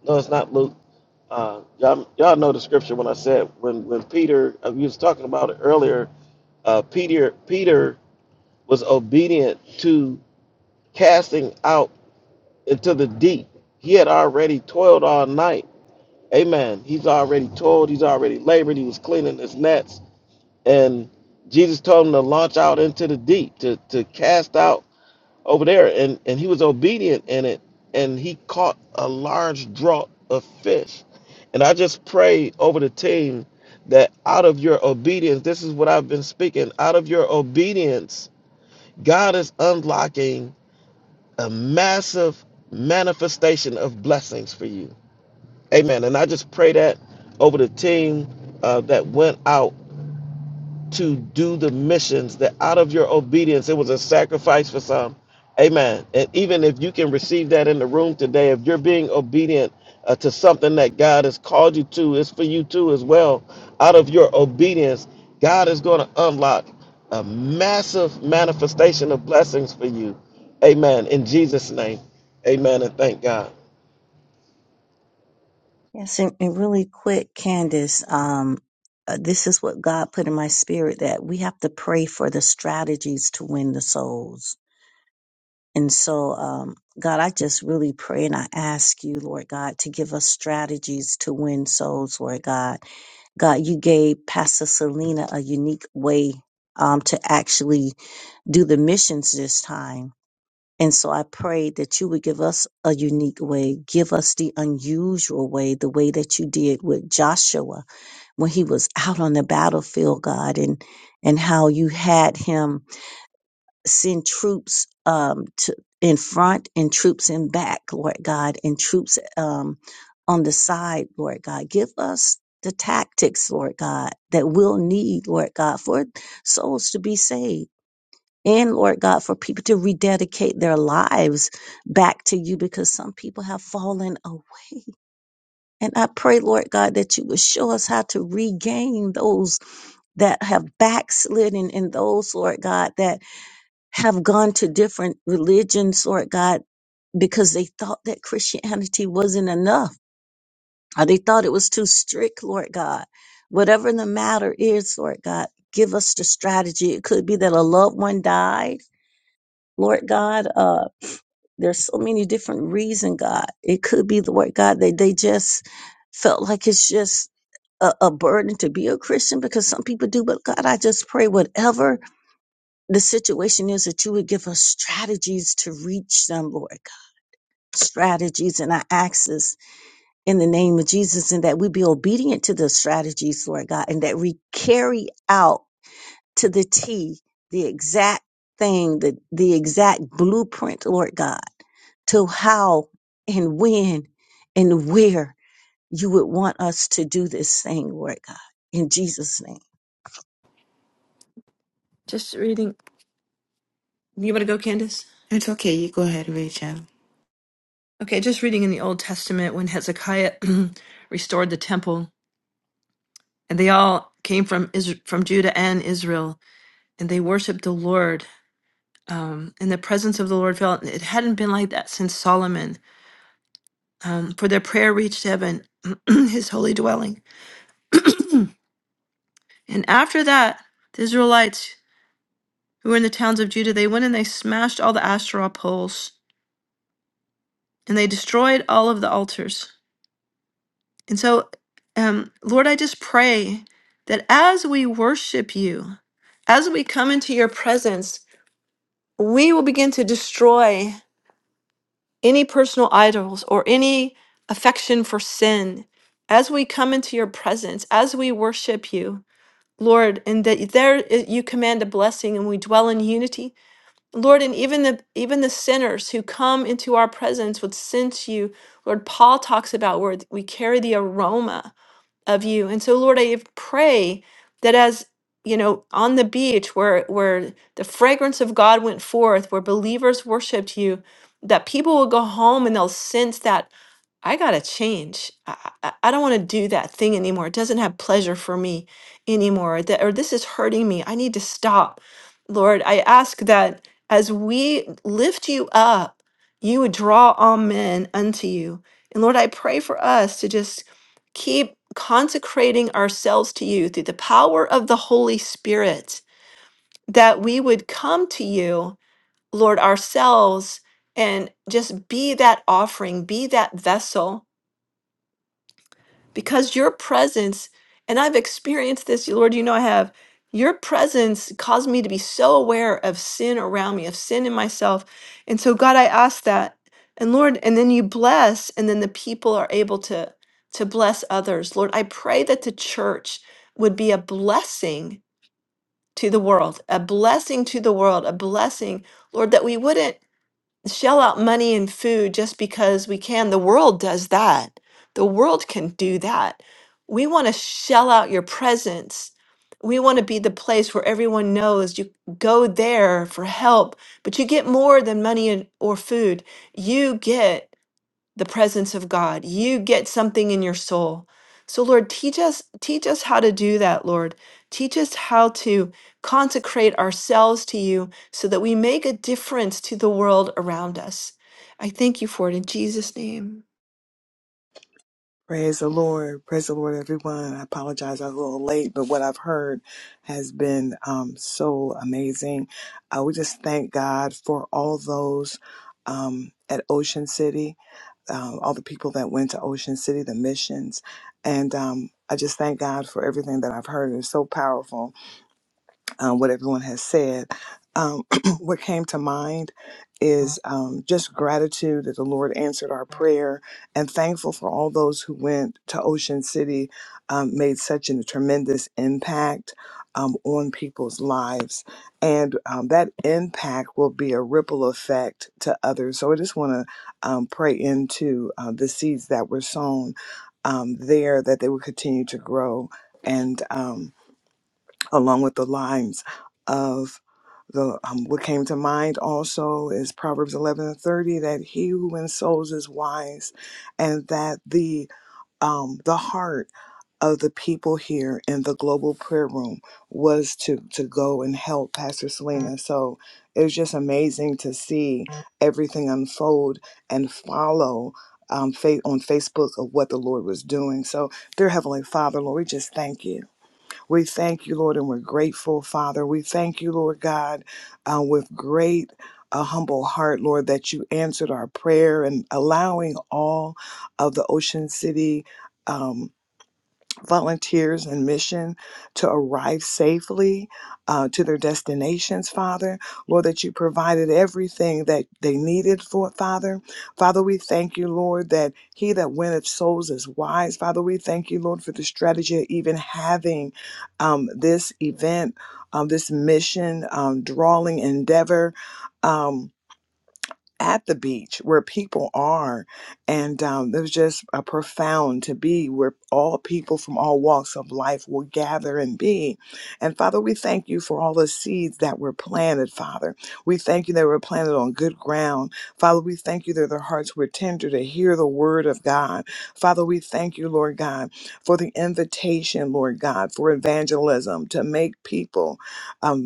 D: no, it's not Luke. Uh, y'all, y'all know the scripture when I said when when Peter uh, we was talking about it earlier. Uh, Peter Peter was obedient to casting out into the deep. He had already toiled all night. Amen. He's already toiled. He's already labored. He was cleaning his nets, and Jesus told him to launch out into the deep to to cast out over there and, and he was obedient in it and he caught a large draught of fish and i just pray over the team that out of your obedience this is what i've been speaking out of your obedience god is unlocking a massive manifestation of blessings for you amen and i just pray that over the team uh, that went out to do the missions that out of your obedience it was a sacrifice for some amen and even if you can receive that in the room today if you're being obedient uh, to something that god has called you to it's for you too as well out of your obedience god is going to unlock a massive manifestation of blessings for you amen in jesus name amen and thank god
E: Yes, and, and really quick, Candace, um, uh, this is what God put in my spirit that we have to pray for the strategies to win the souls And so, um, God, I just really pray and I ask you, Lord God, to give us strategies to win souls, Lord God. God, you gave Pastor Selena a unique way um, to actually do the missions this time. And so I pray that you would give us a unique way, give us the unusual way, the way that you did with Joshua when he was out on the battlefield, God, and, and how you had him send troops um, to, in front and troops in back, Lord God, and troops um, on the side, Lord God. Give us the tactics, Lord God, that we'll need, Lord God, for souls to be saved. And Lord God, for people to rededicate their lives back to you because some people have fallen away. And I pray, Lord God, that you would show us how to regain those that have backslidden and those, Lord God, that have gone to different religions, Lord God, because they thought that Christianity wasn't enough or they thought it was too strict, Lord God. Whatever the matter is, Lord God, give us the strategy. It could be that a loved one died, Lord God. Uh, there's so many different reasons, God. It could be, Lord God, that they just felt like it's just a, a burden to be a Christian because some people do. But God, I just pray whatever the situation is that you would give us strategies to reach them, Lord God, strategies and our access in the name of Jesus, and that we be obedient to the strategies, Lord God, and that we carry out to the T the exact thing, the, the exact blueprint, Lord God, to how and when and where you would want us to do this thing, Lord God, in Jesus' name.
B: Just reading. You want to go, Candace?
A: It's okay. You go ahead, Rachel.
B: Okay. Just reading in the Old Testament when Hezekiah restored the temple, and they all came from Isr from Judah and Israel, and they worshipped the Lord. Um, and the presence of the Lord fell. It hadn't been like that since Solomon. Um, for their prayer reached heaven, his holy dwelling. and after that, the Israelites who were in the towns of Judah, they went and they smashed all the Asherah poles and they destroyed all of the altars. And so, um, Lord, I just pray that as we worship you, as we come into your presence, we will begin to destroy any personal idols or any affection for sin. As we come into your presence, as we worship you, Lord, and that there you command a blessing and we dwell in unity, Lord, and even the even the sinners who come into our presence would sense you. Lord, Paul talks about where we carry the aroma of you. And so, Lord, I pray that as you know, on the beach where where the fragrance of God went forth, where believers worshiped you, that people will go home and they'll sense that I gotta change. I, I, I don't want to do that thing anymore. It doesn't have pleasure for me anymore. Or, that, or this is hurting me. I need to stop. Lord, I ask that as we lift you up, you would draw all men unto you. And Lord, I pray for us to just keep consecrating ourselves to you through the power of the Holy Spirit, that we would come to you, Lord, ourselves and just be that offering, be that vessel because your presence, and I've experienced this, Lord, you know I have, your presence caused me to be so aware of sin around me, of sin in myself. And so, God, I ask that. And Lord, and then you bless, and then the people are able to, to bless others. Lord, I pray that the church would be a blessing to the world, a blessing to the world, a blessing, Lord, that we wouldn't shell out money and food just because we can. The world does that. The world can do that. We want to shell out your presence. We want to be the place where everyone knows you go there for help, but you get more than money and, or food. You get the presence of God. You get something in your soul. So Lord, teach us teach us how to do that, Lord. Teach us how to consecrate ourselves to you so that we make a difference to the world around us. I thank you for it in Jesus name.
F: Praise the Lord. Praise the Lord, everyone. I apologize. I was a little late, but what I've heard has been um, so amazing. I would just thank God for all those um, at Ocean City, um, all the people that went to Ocean City, the missions. And um, I just thank God for everything that I've heard. It's so powerful um, what everyone has said. Um, what came to mind is um, just gratitude that the Lord answered our prayer and thankful for all those who went to Ocean City, um, made such a tremendous impact um, on people's lives. And um, that impact will be a ripple effect to others. So I just want to um, pray into uh, the seeds that were sown um, there that they will continue to grow. And Um, along with the lines of the um, what came to mind also is proverbs 11 and 30 that he who ensouls is wise and that the um, the heart of the people here in the global prayer room was to to go and help pastor selena so it was just amazing to see everything unfold and follow um, fa- on facebook of what the lord was doing so dear heavenly father lord we just thank you we thank you, Lord, and we're grateful, Father. We thank you, Lord God, uh, with great. A humble heart, Lord, that you answered our prayer and allowing all of the Ocean City um, volunteers and mission to arrive safely uh, to their destinations, Father. Lord, that you provided everything that they needed for it, Father. Father, we thank you, Lord, that he that winneth souls is wise. Father, we thank you, Lord, for the strategy of even having um, this event, um, this mission, um, drawing endeavor. Um, at the beach where people are. And um, it was just a profound to be where all people from all walks of life will gather and be. And Father, we thank you for all the seeds that were planted, Father. We thank you that were planted on good ground. Father, we thank you that their hearts were tender to hear the word of God. Father, we thank you, Lord God, for the invitation, Lord God, for evangelism to make people. um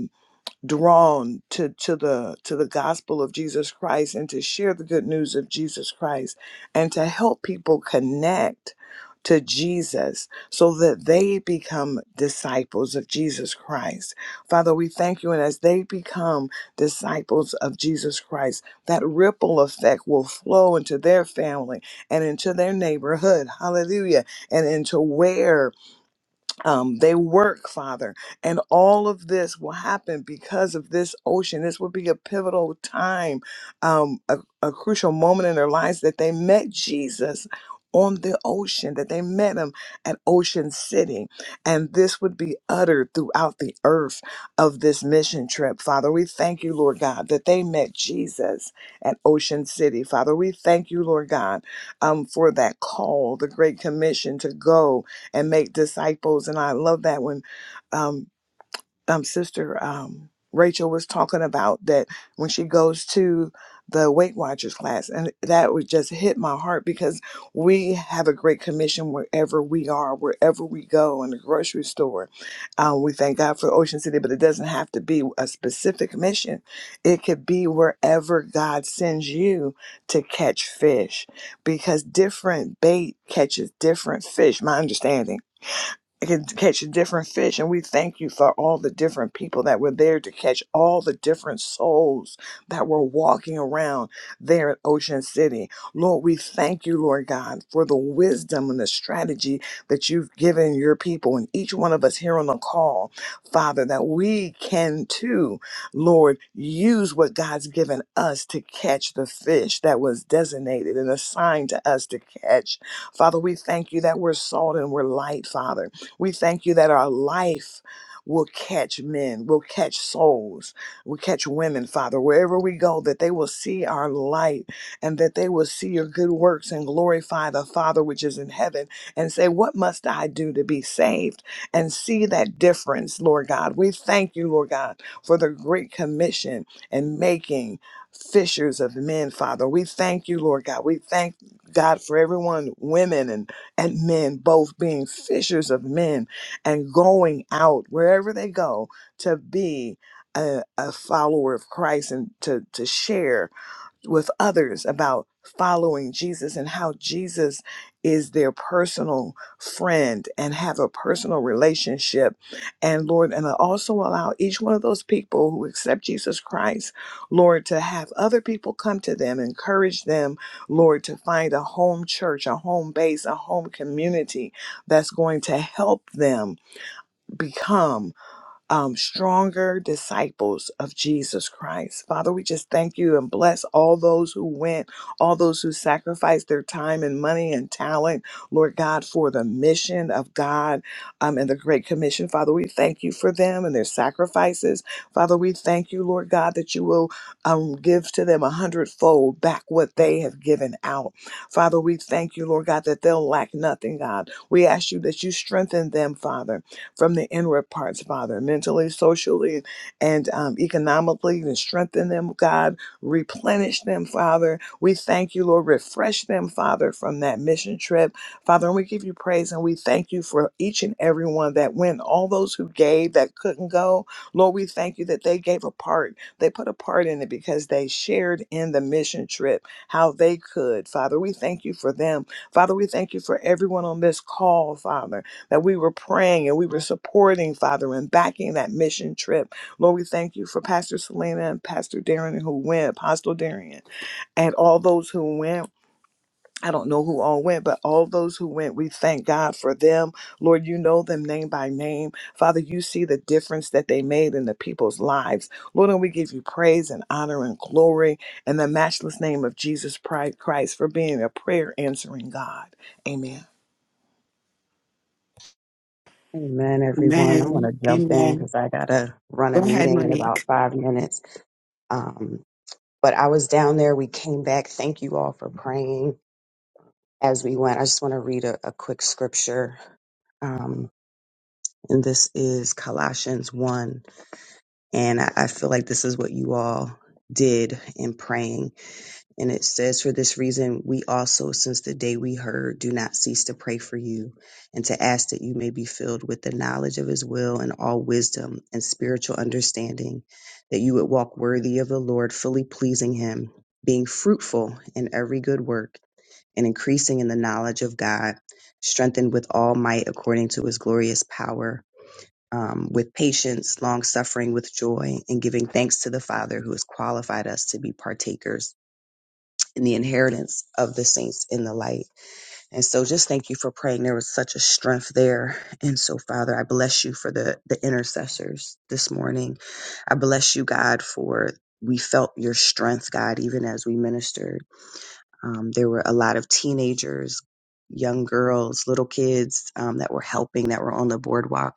F: drawn to, to the to the gospel of Jesus Christ and to share the good news of Jesus Christ and to help people connect to Jesus so that they become disciples of Jesus Christ. Father, we thank you and as they become disciples of Jesus Christ, that ripple effect will flow into their family and into their neighborhood. Hallelujah. And into where um, they work, Father. And all of this will happen because of this ocean. This will be a pivotal time, um, a, a crucial moment in their lives that they met Jesus on the ocean, that they met him at Ocean City. And this would be uttered throughout the earth of this mission trip, Father. We thank you, Lord God, that they met Jesus at Ocean City, Father. We thank you, Lord God, um, for that call, the Great Commission to go and make disciples. And I love that when um, um, Sister um, Rachel was talking about that when she goes to the Weight Watchers class, and that would just hit my heart because we have a great commission wherever we are, wherever we go, in the grocery store. Um, we thank God for Ocean City, but it doesn't have to be a specific mission. It could be wherever God sends you to catch fish because different bait catches different fish, my understanding can catch different fish. And we thank you for all the different people that were there to catch all the different souls that were walking around there at Ocean City. Lord, we thank you, Lord God, for the wisdom and the strategy that you've given your people and each one of us here on the call, Father, that we can too, Lord, use what God's given us to catch the fish that was designated and assigned to us to catch. Father, we thank you that we're salt and we're light, Father we thank you that our life will catch men, will catch souls, will catch women, Father, wherever we go, that they will see our light and that they will see your good works and glorify the Father which is in heaven and say, What must I do to be saved? And see that difference, Lord God. We thank you, Lord God, for the great commission and making fishers of men, Father. We thank you, Lord God. We thank God for everyone, women and and men, both being fishers of men and going out wherever they go to be a, a follower of Christ and to, to share with others about following Jesus and how Jesus is their personal friend and have a personal relationship. And Lord, and also allow each one of those people who accept Jesus Christ, Lord, to have other people come to them, encourage them, Lord, to find a home church, a home base, a home community that's going to help them become um, stronger disciples of Jesus Christ. Father, we just thank you and bless all those who went, all those who sacrificed their time and money and talent, Lord God, for the mission of God um, and the Great Commission. Father, we thank you for them and their sacrifices. Father, we thank you, Lord God, that you will um, give to them a hundredfold back what they have given out. Father, we thank you, Lord God, that they'll lack nothing, God. We ask you that you strengthen them, Father from the inward parts, Father, mentally, socially, and um, economically, and strengthen them, God. Replenish them, Father. We thank you, Lord. Refresh them, Father, from that mission trip. Father, and we give you praise and we thank you for each and every one that went, all those who gave that couldn't go. Lord, we thank you that they gave a part. They put a part in it because they shared in the mission trip how they could. Father, we thank you for them. Father, we thank you for everyone on this call, Father that we were praying and we were supporting, Father, and backing that mission trip. Lord, we thank you for Pastor Selena and Pastor Darren who went, Apostle Darren, and all those who went. I don't know who all went, but all those who went, we thank God for them. Lord, you know them name by name. Father, you see the difference that they made in the people's lives. Lord, and we give you praise and honor and glory in the matchless name of Jesus Christ for being a prayer answering God. Amen.
G: Amen, everyone. I want
A: Amen.
G: to jump in
A: Amen.
G: because I got to run
A: Go
G: a
A: ahead,
G: meeting in about
A: Monique.
G: five minutes. Um, but I was down there. We came back. Thank you all for praying as we went. I just want to read a, a quick scripture. Um, and this is Colossians 1. And I, I feel like this is what you all did in praying. And it says, For this reason, we also, since the day we heard, do not cease to pray for you and to ask that you may be filled with the knowledge of his will and all wisdom and spiritual understanding, that you would walk worthy of the Lord, fully pleasing him, being fruitful in every good work and increasing in the knowledge of God, strengthened with all might according to his glorious power. Um, with patience, long suffering, with joy, and giving thanks to the Father who has qualified us to be partakers in the inheritance of the saints in the light. And so just thank you for praying. There was such a strength there. And so, Father, I bless you for the, the intercessors this morning. I bless you, God, for we felt your strength, God, even as we ministered. Um, there were a lot of teenagers, young girls, little kids um, that were helping, that were on the boardwalk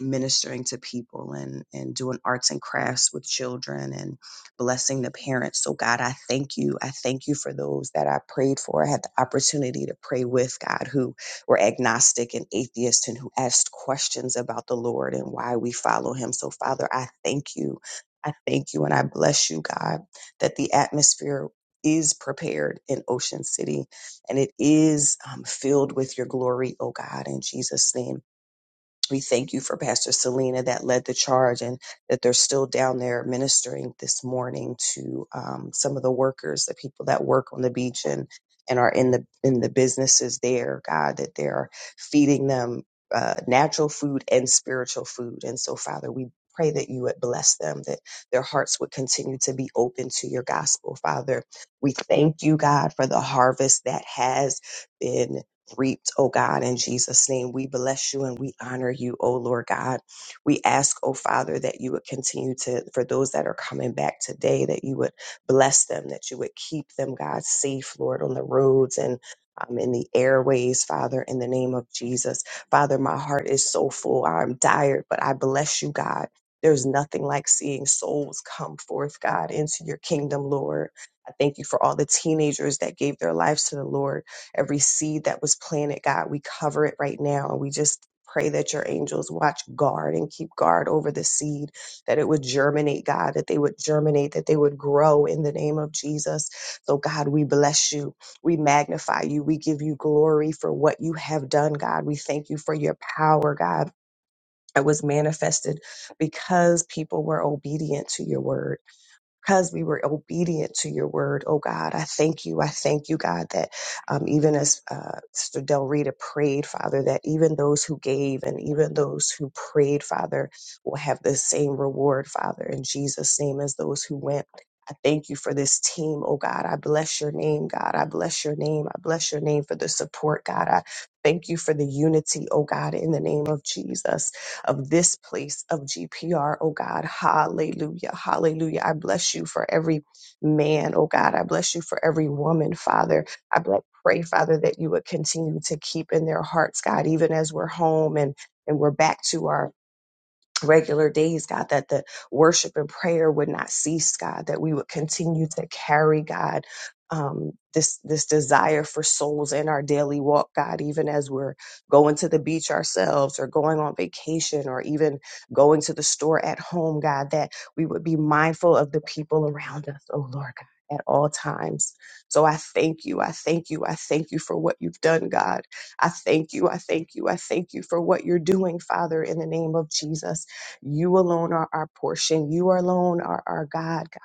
G: ministering to people and and doing arts and crafts with children and blessing the parents so god i thank you i thank you for those that i prayed for i had the opportunity to pray with god who were agnostic and atheist and who asked questions about the lord and why we follow him so father i thank you i thank you and i bless you god that the atmosphere is prepared in Ocean City and it is um, filled with your glory, oh God, in Jesus' name. We thank you for Pastor Selena that led the charge and that they're still down there ministering this morning to um, some of the workers, the people that work on the beach and and are in the in the businesses there, God, that they're feeding them uh, natural food and spiritual food. And so, Father, we pray that you would bless them, that their hearts would continue to be open to your gospel, Father. We thank you, God, for the harvest that has been reaped, oh God, in Jesus' name. We bless you and we honor you, oh Lord God. We ask, oh Father, that you would continue to, for those that are coming back today, that you would bless them, that you would keep them, God, safe, Lord, on the roads and um, in the airways, Father, in the name of Jesus. Father, my heart is so full. I'm tired, but I bless you, God. There's nothing like seeing souls come forth, God, into your kingdom, Lord. I thank you for all the teenagers that gave their lives to the Lord. Every seed that was planted, God, we cover it right now. And we just pray that your angels watch guard and keep guard over the seed, that it would germinate, God, that they would germinate, that they would grow in the name of Jesus. So, God, we bless you. We magnify you. We give you glory for what you have done, God. We thank you for your power, God. That was manifested because people were obedient to your word because we were obedient to your word, oh God. I thank you. I thank you, God, that um, even as uh, Sister Del Rita prayed, Father, that even those who gave and even those who prayed, Father, will have the same reward, Father, in Jesus' name as those who went. I thank you for this team, oh God. I bless your name, God. I bless your name. I bless your name for the support, God. I thank you for the unity, oh God, in the name of Jesus of this place of GPR, oh God. Hallelujah. Hallelujah. I bless you for every man, oh God. I bless you for every woman, Father. I bl- pray, Father, that you would continue to keep in their hearts, God, even as we're home and and we're back to our regular days, God, that the worship and prayer would not cease, God, that we would continue to carry, God, um, this this desire for souls in our daily walk, God, even as we're going to the beach ourselves or going on vacation or even going to the store at home, God, that we would be mindful of the people around us, oh Lord God, at all times. So I thank you. I thank you. I thank you for what you've done, God. I thank you. I thank you. I thank you for what you're doing, Father, in the name of Jesus. You alone are our portion. You alone are our God, God.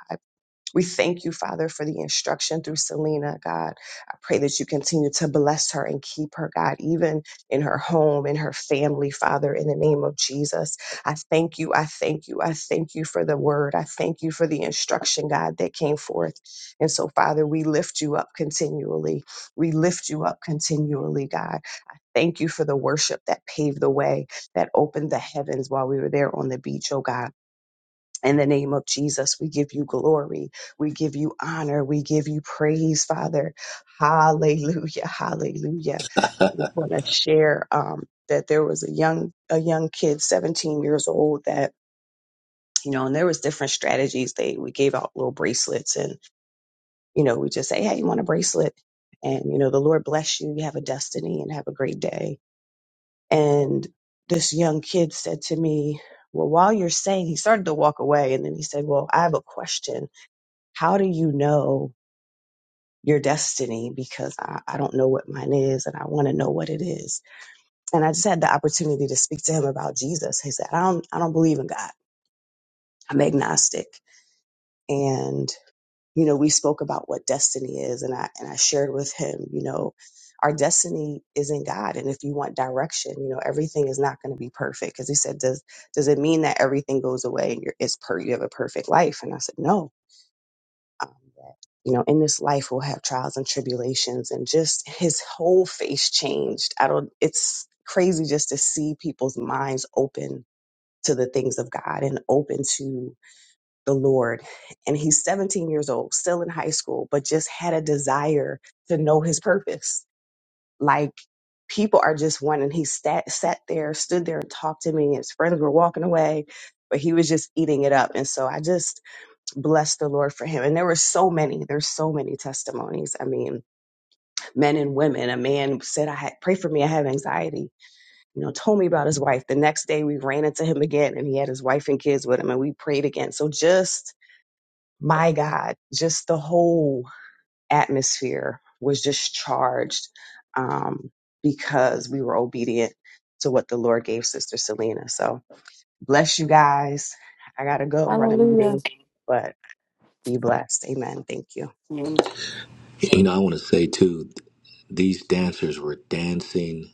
G: We thank you, Father, for the instruction through Selena, God. I pray that you continue to bless her and keep her, God, even in her home, in her family, Father, in the name of Jesus. I thank you. I thank you. I thank you for the word. I thank you for the instruction, God, that came forth. And so, Father, we lift you up continually. We lift you up continually, God. I Thank you for the worship that paved the way, that opened the heavens while we were there on the beach, oh God. In the name of Jesus, we give you glory. We give you honor. We give you praise, Father. Hallelujah. Hallelujah. I just want to share um, that there was a young a young kid, 17 years old, that you know, and there was different strategies. They we gave out little bracelets, and you know, we just say, "Hey, you want a bracelet?" And you know, the Lord bless you. You have a destiny, and have a great day. And this young kid said to me, "Well, while you're saying," he started to walk away, and then he said, "Well, I have a question." how do you know your destiny? Because I, I don't know what mine is and I want to know what it is. And I just had the opportunity to speak to him about Jesus. He said, I don't, I don't believe in God. I'm agnostic. And, you know, we spoke about what destiny is and I, and I shared with him, you know, our destiny is in God. And if you want direction, you know, everything is not going to be perfect. Cause he said, does, does it mean that everything goes away and you're, it's per, you have a perfect life? And I said, no, um, that you know in this life we'll have trials and tribulations and just his whole face changed i don't it's crazy just to see people's minds open to the things of god and open to the lord and he's 17 years old still in high school but just had a desire to know his purpose like people are just wanting he sat, sat there stood there and talked to me his friends were walking away but he was just eating it up and so i just bless the Lord for him. And there were so many, there's so many testimonies. I mean, men and women. A man said, I had pray for me, I have anxiety. You know, told me about his wife. The next day we ran into him again and he had his wife and kids with him and we prayed again. So just my God, just the whole atmosphere was just charged um, because we were obedient to what the Lord gave Sister Selena. So bless you guys. I gotta go run a
B: Hallelujah.
G: meeting, but be blessed. Amen. Thank you.
A: Mm.
C: You know, I want to say too, these dancers were dancing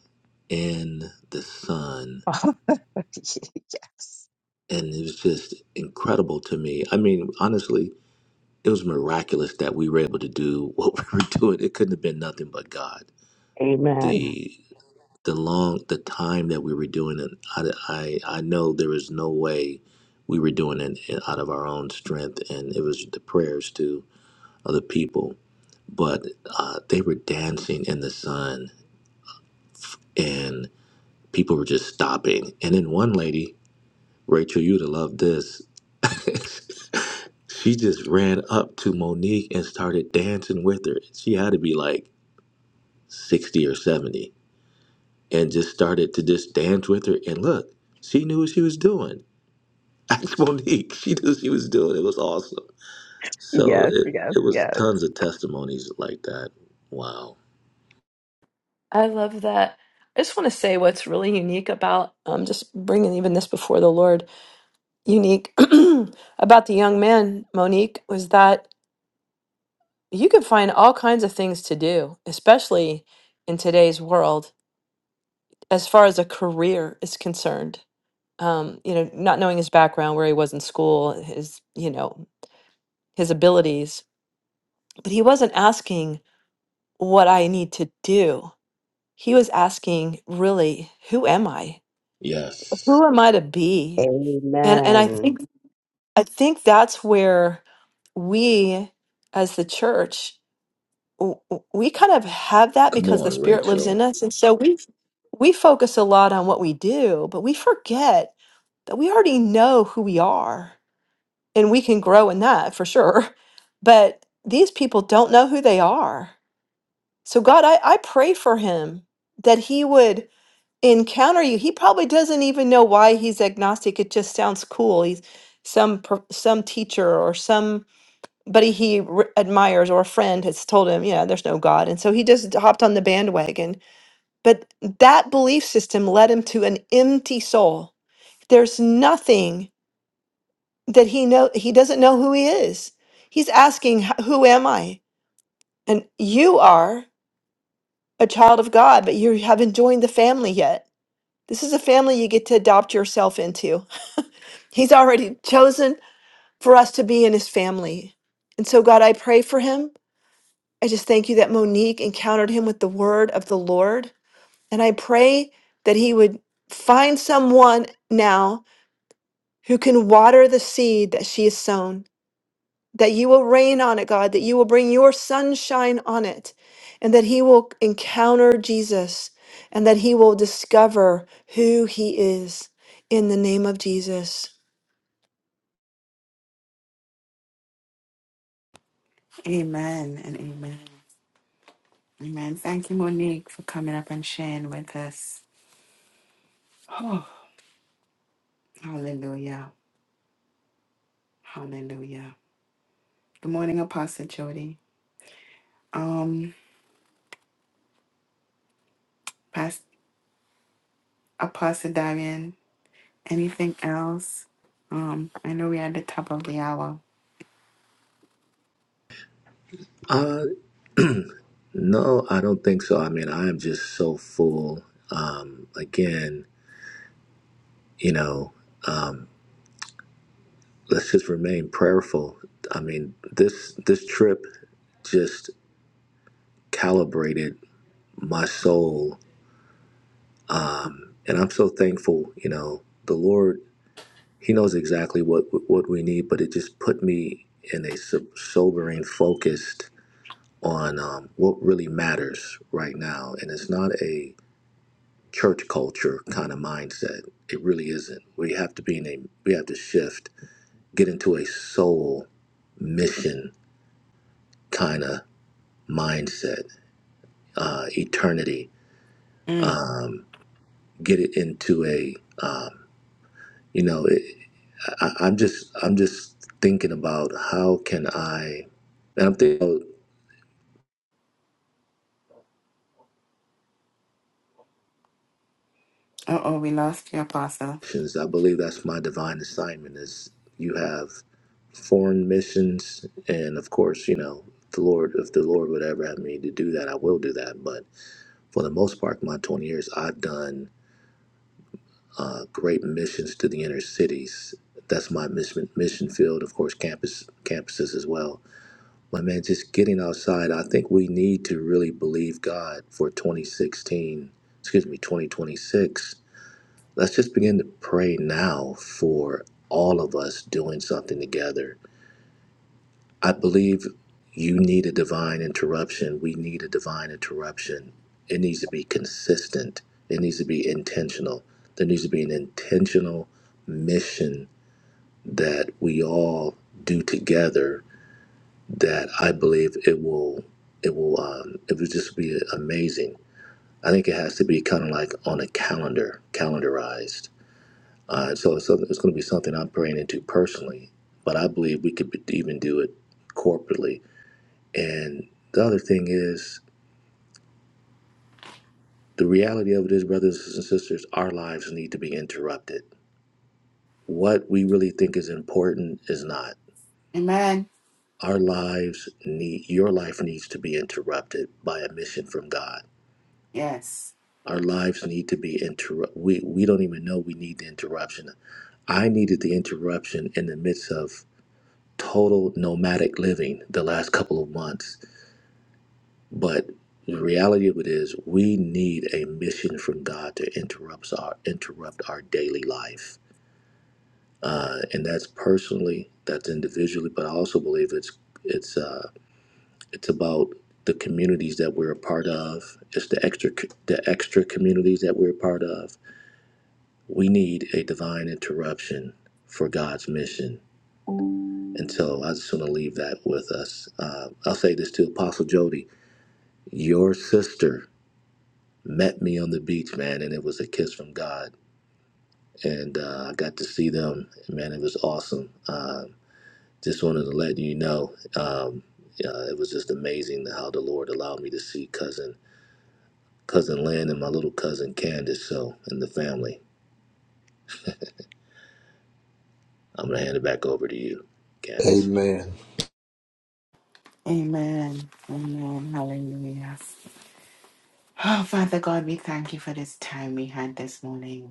C: in the sun,
G: yes.
C: and it was just incredible to me. I mean, honestly, it was miraculous that we were able to do what we were doing. It couldn't have been nothing but God.
G: Amen.
C: The the long the time that we were doing it, I I, I know there was no way we were doing it out of our own strength, and it was the prayers too Other people, but uh, they were dancing in the sun and people were just stopping. And then one lady, Rachel, you'd have loved this. she just ran up to Monique and started dancing with her. She had to be like 60 or 70 and just started to just dance with her. And look, she knew what she was doing. Ask Monique. She knew what she was doing. It was awesome. So
G: Yes,
C: it,
G: yes,
C: it was
G: yes.
C: tons of testimonies like that. Wow.
B: I love that. I just want to say what's really unique about um, just bringing even this before the Lord, unique about the young man, Monique, was that. you can find all kinds of things to do, especially in today's world, as far as a career is concerned. Um, you know, not knowing his background, where he was in school, his, you know, his abilities, but he wasn't asking what I need to do. He was asking really, who am I?
C: Yes.
B: Who am I to be? And and I
G: Amen.
B: think I think that's where we as the church w- w- we kind of have that
C: Come
B: because the
C: on,
B: spirit lives in
C: Rachel.
B: us and so we we focus a lot on what we do, but we forget that we already know who we are and we can grow in that for sure. But these people don't know who they are. So, God, I, I pray for him that he would encounter you. He probably doesn't even know why he's agnostic. It just sounds cool. He's some per- some teacher or somebody he re- admires or a friend has told him, yeah, there's no God. And so he just hopped on the bandwagon but that belief system led him to an empty soul. There's nothing that he know he doesn't know who he is. He's asking, "H- "Who am I?" And you are a child of God, but you haven't joined the family yet. This is a family you get to adopt yourself into. He's already chosen for us to be in his family. And so God, I pray for him. I just thank you that Monique encountered him with the word of the Lord And I pray that he would find someone now who can water the seed that she has sown, that you will rain on it, God, that you will bring your sunshine on it, and that he will encounter Jesus, and that he will discover who he is in the name of Jesus.
A: Amen and amen. Amen. Thank you, Monique, for coming up and sharing with us. Oh, hallelujah. Hallelujah. Good morning, Apostle Jody. Um, Past Apostle Darian, anything else? Um, I know we're at the top of the hour.
C: Uh, no, I don't think so. I mean, I am just so full. Um, again, you know, um, let's just remain prayerful. I mean, this this trip just calibrated my soul, um, and I'm so thankful. You know, the Lord, He knows exactly what what we need, but it just put me in a so- sobering, focused on um, what really matters right now, and it's not a church culture kind of mindset. It really isn't. We have to be in a we have to shift, get into a soul mission kind of mindset, uh, eternity.
A: Mm.
C: Um, get it into a um, you know. It, I, I- I'm just I'm just thinking about how can I, and I'm thinking. about
A: Uh oh, we lost you, Apostle.
C: missions. I believe that's my divine assignment is you have foreign missions and of course, you know, the Lord if the Lord would ever have me to do that, I will do that. But for the most part, my twenty years I've done uh, great missions to the inner cities. That's my mission mission field, of course, campus campuses as well. But man, just getting outside, I think we need to really believe God for twenty sixteen, excuse me, twenty twenty six let's just begin to pray now for all of us doing something together. I believe you need a divine interruption. We need a divine interruption. It needs to be consistent, it needs to be intentional. There needs to be an intentional mission that we all do together that I believe it will it will um, it will just be amazing. I think it has to be kind of like on a calendar, calendarized Uh, so it's, something- it's going to be something I'm praying into personally, but I believe we could even do it corporately. And the other thing is, the reality of it is, brothers and sisters, our lives need to be interrupted. What we really think is important is not.
A: Amen.
C: Our lives need, your life needs to be interrupted by a mission from God.
A: Yes.
C: Our lives need to be interrupted. We, we don't even know we need the interruption. I needed the interruption in the midst of total nomadic living the last couple of months. But the reality of it is, we need a mission from God to interrupt our interrupt our daily life, uh, and that's personally, that's individually, but I also believe it's it's uh, it's about the communities that we're a part of. It's the extra the extra communities that we're a part of. We need a divine interruption for God's mission, and so I just want to leave that with us. Uh, I'll say this to Apostle Jody Your sister met me on the beach, man, and it was a kiss from God. And uh, I got to see them, and man. It was awesome. Uh, just wanted to let you know, um, uh, it was just amazing how the Lord allowed me to see cousin cousin Lynn and my little cousin Candace. So, and the family. I'm gonna hand it back over to you, Candace.
H: Amen.
A: Amen. Amen. Hallelujah. Oh, Father God, we thank you for this time we had this morning.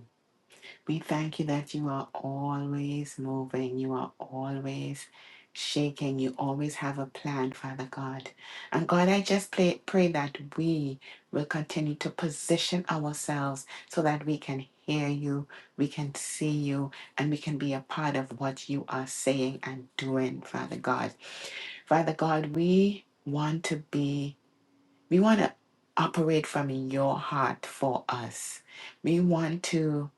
A: We thank you that you are always moving, you are always shaking, you always have a plan, Father God. And God, I just pray, pray that we will continue to position ourselves so that we can hear you, we can see you, and we can be a part of what you are saying and doing, Father God. Father God, we want to be, we want to operate from your heart for us. We want to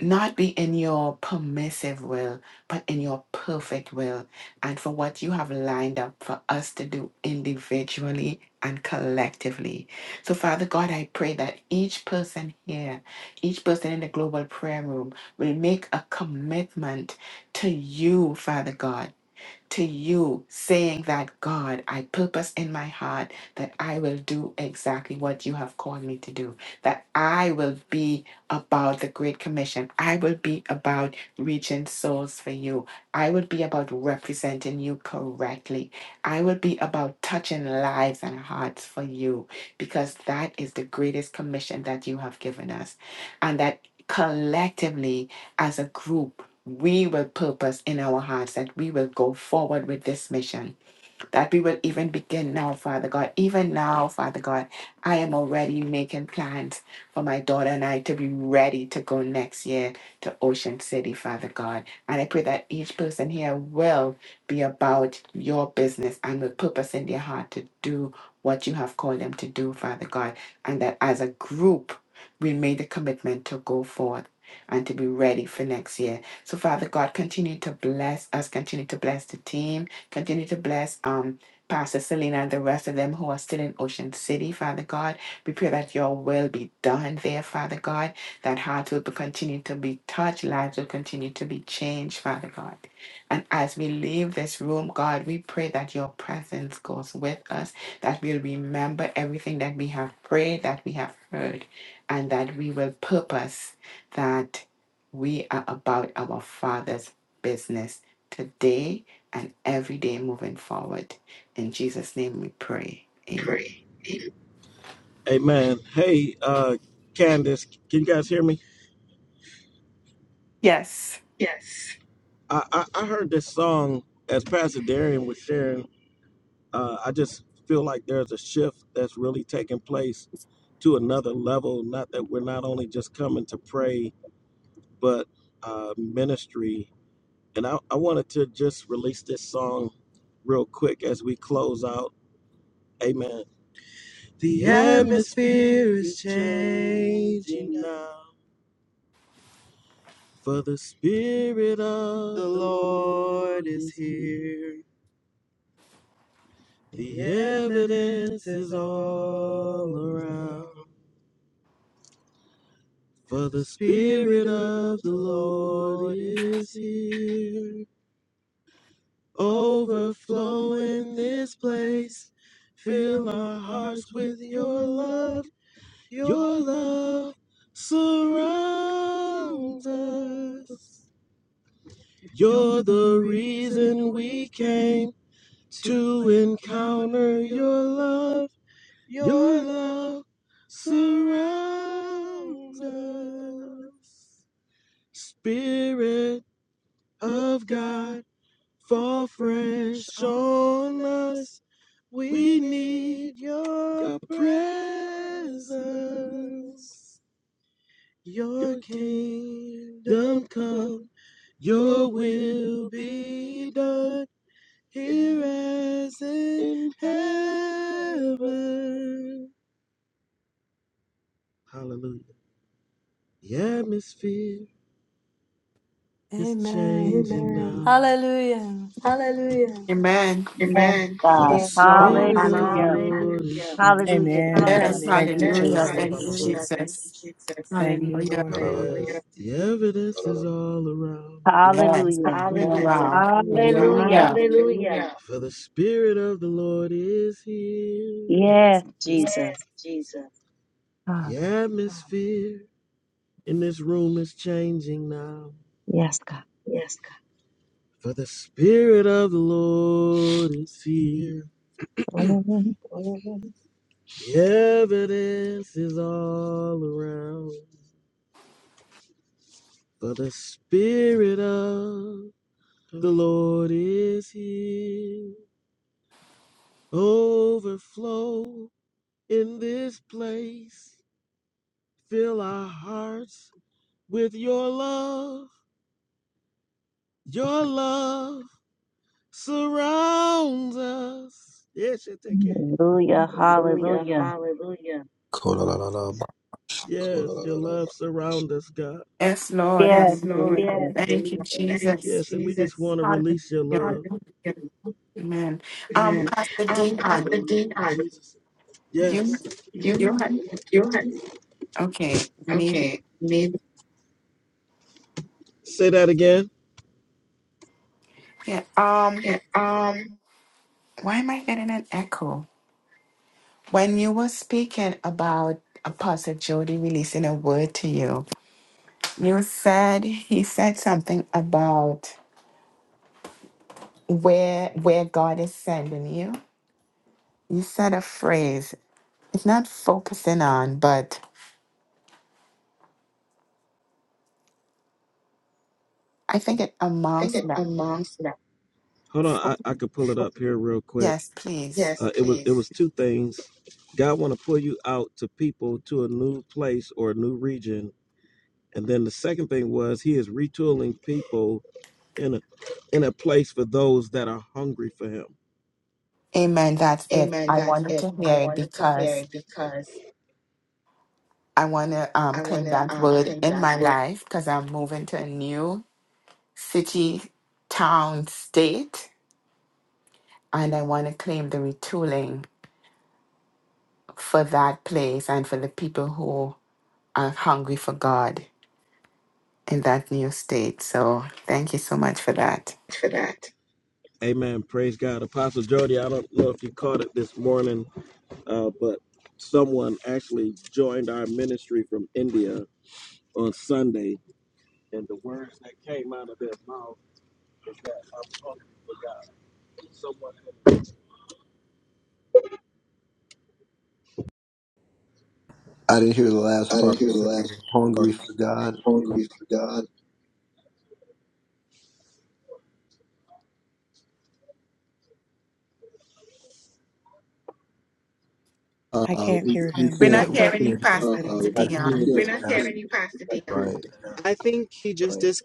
A: not be in your permissive will, but in your perfect will, and for what you have lined up for us to do individually and collectively. So, Father God, I pray that each person here, each person in the global prayer room, will make a commitment to you, Father God to you, saying that, God, I purpose in my heart that I will do exactly what you have called me to do, that I will be about the Great Commission. I will be about reaching souls for you. I will be about representing you correctly. I will be about touching lives and hearts for you, because that is the greatest commission that you have given us. And that collectively, as a group, we will purpose in our hearts that we will go forward with this mission that we will even begin now, Father God. Even now, Father God, I am already making plans for my daughter and I to be ready to go next year to Ocean City, Father God. And I pray that each person here will be about your business and with purpose in their heart to do what you have called them to do, Father God. And that as a group, we made the commitment to go forth. And to be ready for next year. So, Father God, continue to bless us, continue to bless the team, Continue to bless um Pastor Selena and the rest of them who are still in Ocean City, Father God. We pray that your will be done there, Father God. That hearts will be- continue to be touched, lives will continue to be changed, Father God. And as we leave this room, God, we pray that your presence goes with us, that we'll remember everything that we have prayed, that we have heard, and that we will purpose that we are about our Father's business today and every day moving forward. In Jesus' name we pray. Amen.
D: Pray. Amen. Hey, uh, Candace, can you guys hear me?
A: Yes.
D: Yes. I, I, I heard this song as Pastor Darian was sharing. Uh, I just feel like there's a shift that's really taking place to another level. Not that we're not only just coming to pray, but uh, ministry. And I, I wanted to just release this song real quick as we close out. Amen. The atmosphere is changing now, for the Spirit of the Lord is here. The evidence is all around. Your sweet love, your love surrounds us. Spirit of God, fall fresh on us. We need your presence. Your kingdom come, your will be done Here as in heaven. Hallelujah. The atmosphere is
B: Amen.
D: changing Amen. now.
B: Hallelujah.
A: Amen.
E: Yes,
D: Amen. For the
E: God.
A: Yes,
D: Yes, God.
A: Lord.
D: Spirit of the Lord
E: Hallelujah.
A: Hallelujah.
D: Hallelujah. is
E: Hallelujah,
D: here. Hallelujah.
F: Amen.
A: Yes,
E: Jesus.
D: Amen.
F: Thank you,
D: Yes, Ra
A: hallelujah.
D: thank ba ba
A: Thank
D: ba
A: you,
F: Jesus.
D: Hallelujah. Thank you,
A: Jesus.
D: Jesus.
F: Thank you,
A: Hallelujah.
F: Lord.
H: I
D: Hallelujah. Yes, the evidence is all around. me.
A: Yes,
D: Yes.
E: Hallelujah.
A: all
D: Hallelujah.
A: around.
D: All around. Hallelujah.
E: Hallelujah.
A: Hallelujah.
D: Hallelujah. For the Spirit of the Lord is here.
A: Yes,
E: Yes,
A: Jesus.
D: Yes,
E: Jesus.
D: Jesus. The
E: Hallelujah.
D: Wow. atmosphere And this room is changing now.
E: Yes, God.
D: Yes, God. For the Spirit of the Lord is here. The evidence is all around. For the Spirit of the Lord is here. Overflow in this place. Fill our hearts with your love. Your love. surrounds us. Yes, you take it.
E: Hallelujah.
D: Hallelujah.
E: Hallelujah.
D: Hallelujah. Yes, your love surrounds us, God.
A: Yes, Lord.
D: Yes,
E: Yes,
D: Lord.
A: Hallelujah.
D: Yes.
E: Jesus.
A: Thank you,
D: Thank you,
A: Jesus.
D: Yes, and we Jesus. just want to release your
A: Hallelujah.
D: love. Hallelujah.
A: Amen. Um,
D: Amen.
A: Pastor
D: Um, Pastor
A: Dion,
D: Hallelujah, Dion, Jesus.
A: you,
D: Yes. you,
A: you had,
D: you had,
A: okay, maybe,
D: okay, maybe, Say that again.
A: yeah, um,
D: yeah, um, I
A: why am I getting an echo? When you were speaking about Apostle Jody releasing a word to you, you said he said something about where where God is sending you. You said a phrase. It's not focusing on, but I think it
D: think
A: amounts
D: it
A: no.
D: amongst that. Hold on,
A: fo-
D: I, I could pull it up here real quick.
A: Yes, please.
D: Yes, Uh, it was please. it was two things. God want to pull you out to people to a new place or a new region, and then the second thing was He is retooling people in a in a place for those that are hungry for Him.
A: Amen. That's it.
D: Amen.
A: I
D: That's
A: wanted
D: it.
A: to
D: I
A: hear it
D: wanted to hear
A: because
D: it because
A: I want to um,
D: I want
A: claim
D: to
A: that
D: um,
A: word
D: claim
A: in
D: that
A: my
D: word
A: life because I'm moving to a new city, town, state and I want to claim the retooling for that place and for the people who are hungry for God in that new state. So thank you so much for that.
D: for that. Amen. Praise God. Apostle Jody, I don't know if you caught it this morning, uh, but someone actually joined our ministry from India. on Sunday, and the words that came out of their mouth was that I'm hungry for God. Someone
H: didn't hear the last
D: I
H: part.
D: didn't hear the
H: Saying
D: last
H: Hungry for God.
D: hungry for God.
F: I
H: Uh,
F: can't
H: we,
F: hear
H: we
F: him
A: We're
F: at
A: not
F: all.
H: can't. We
A: hearing you,
H: can't.
A: Pastor
D: Uh, uh,
H: We're
D: we,
H: not
D: we
H: hearing
A: Dion.
D: We're
H: you,
D: can't, not hearing
H: Pastor.
D: you, Pastor we Dion.
H: Right.
D: I think you just Right. dis-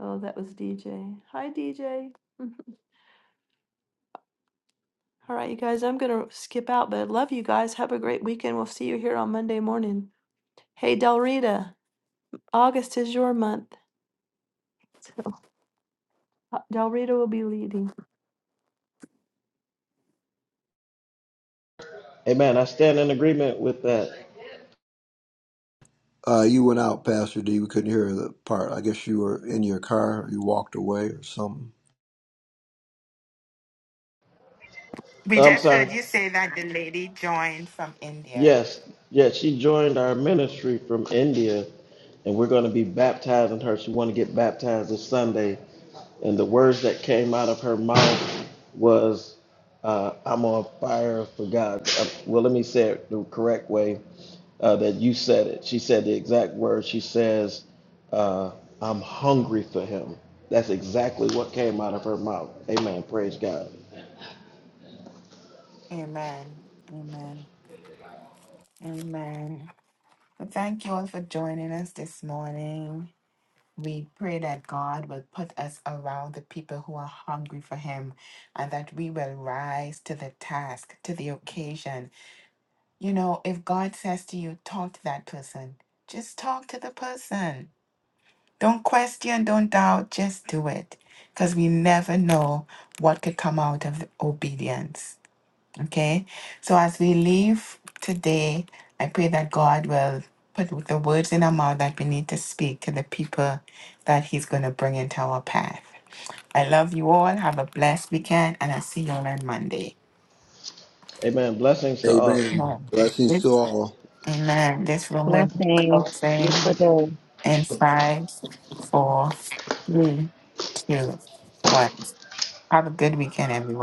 B: Oh, that was DJ. Hi, DJ. All right, you guys, I'm going to skip out, but I love you guys. Have a great weekend. We'll see you here on Monday morning. Hey, Del Rita, August is your month.
D: Amen. I stand in agreement with that.
H: Uh, you went out, Pastor D. We couldn't hear the part. I guess you were in your car. you walked away or something.
A: We
D: I'm
A: just heard
D: sorry.
A: you say that the lady joined from India.
D: Yes. Yes, she joined our ministry from India and we're going to be baptizing her. She want to get baptized this Sunday, and the words that came out of her mouth was, uh, "I'm on fire for God." Uh, well, let me say it the correct way uh, that you said it. She said the exact words. She says, uh, "I'm hungry for Him." That's exactly what came out of her mouth. Amen. Praise God.
A: Amen. Amen. Amen. But thank you all for joining us this morning. We pray that God will put us around the people who are hungry for Him and that we will rise to the task, to the occasion. You know, if God says to you, talk to that person, just talk to the person. Don't question, don't doubt, just do it. Because we never know what could come out of the obedience. Okay. So as we leave today, I pray that God will put the words in our mouth that we need to speak to the people that He's going to bring into our path. I love you all. Have a blessed weekend, and I'll see you all on Monday.
D: Amen. Blessings to all.
H: Amen.
A: No.
H: Blessings to
A: This,
H: all.
A: amen. This room will be
E: Blessings. Beautiful
A: closing
E: day.
A: in five, four, three, two, one. Have a good weekend, everyone.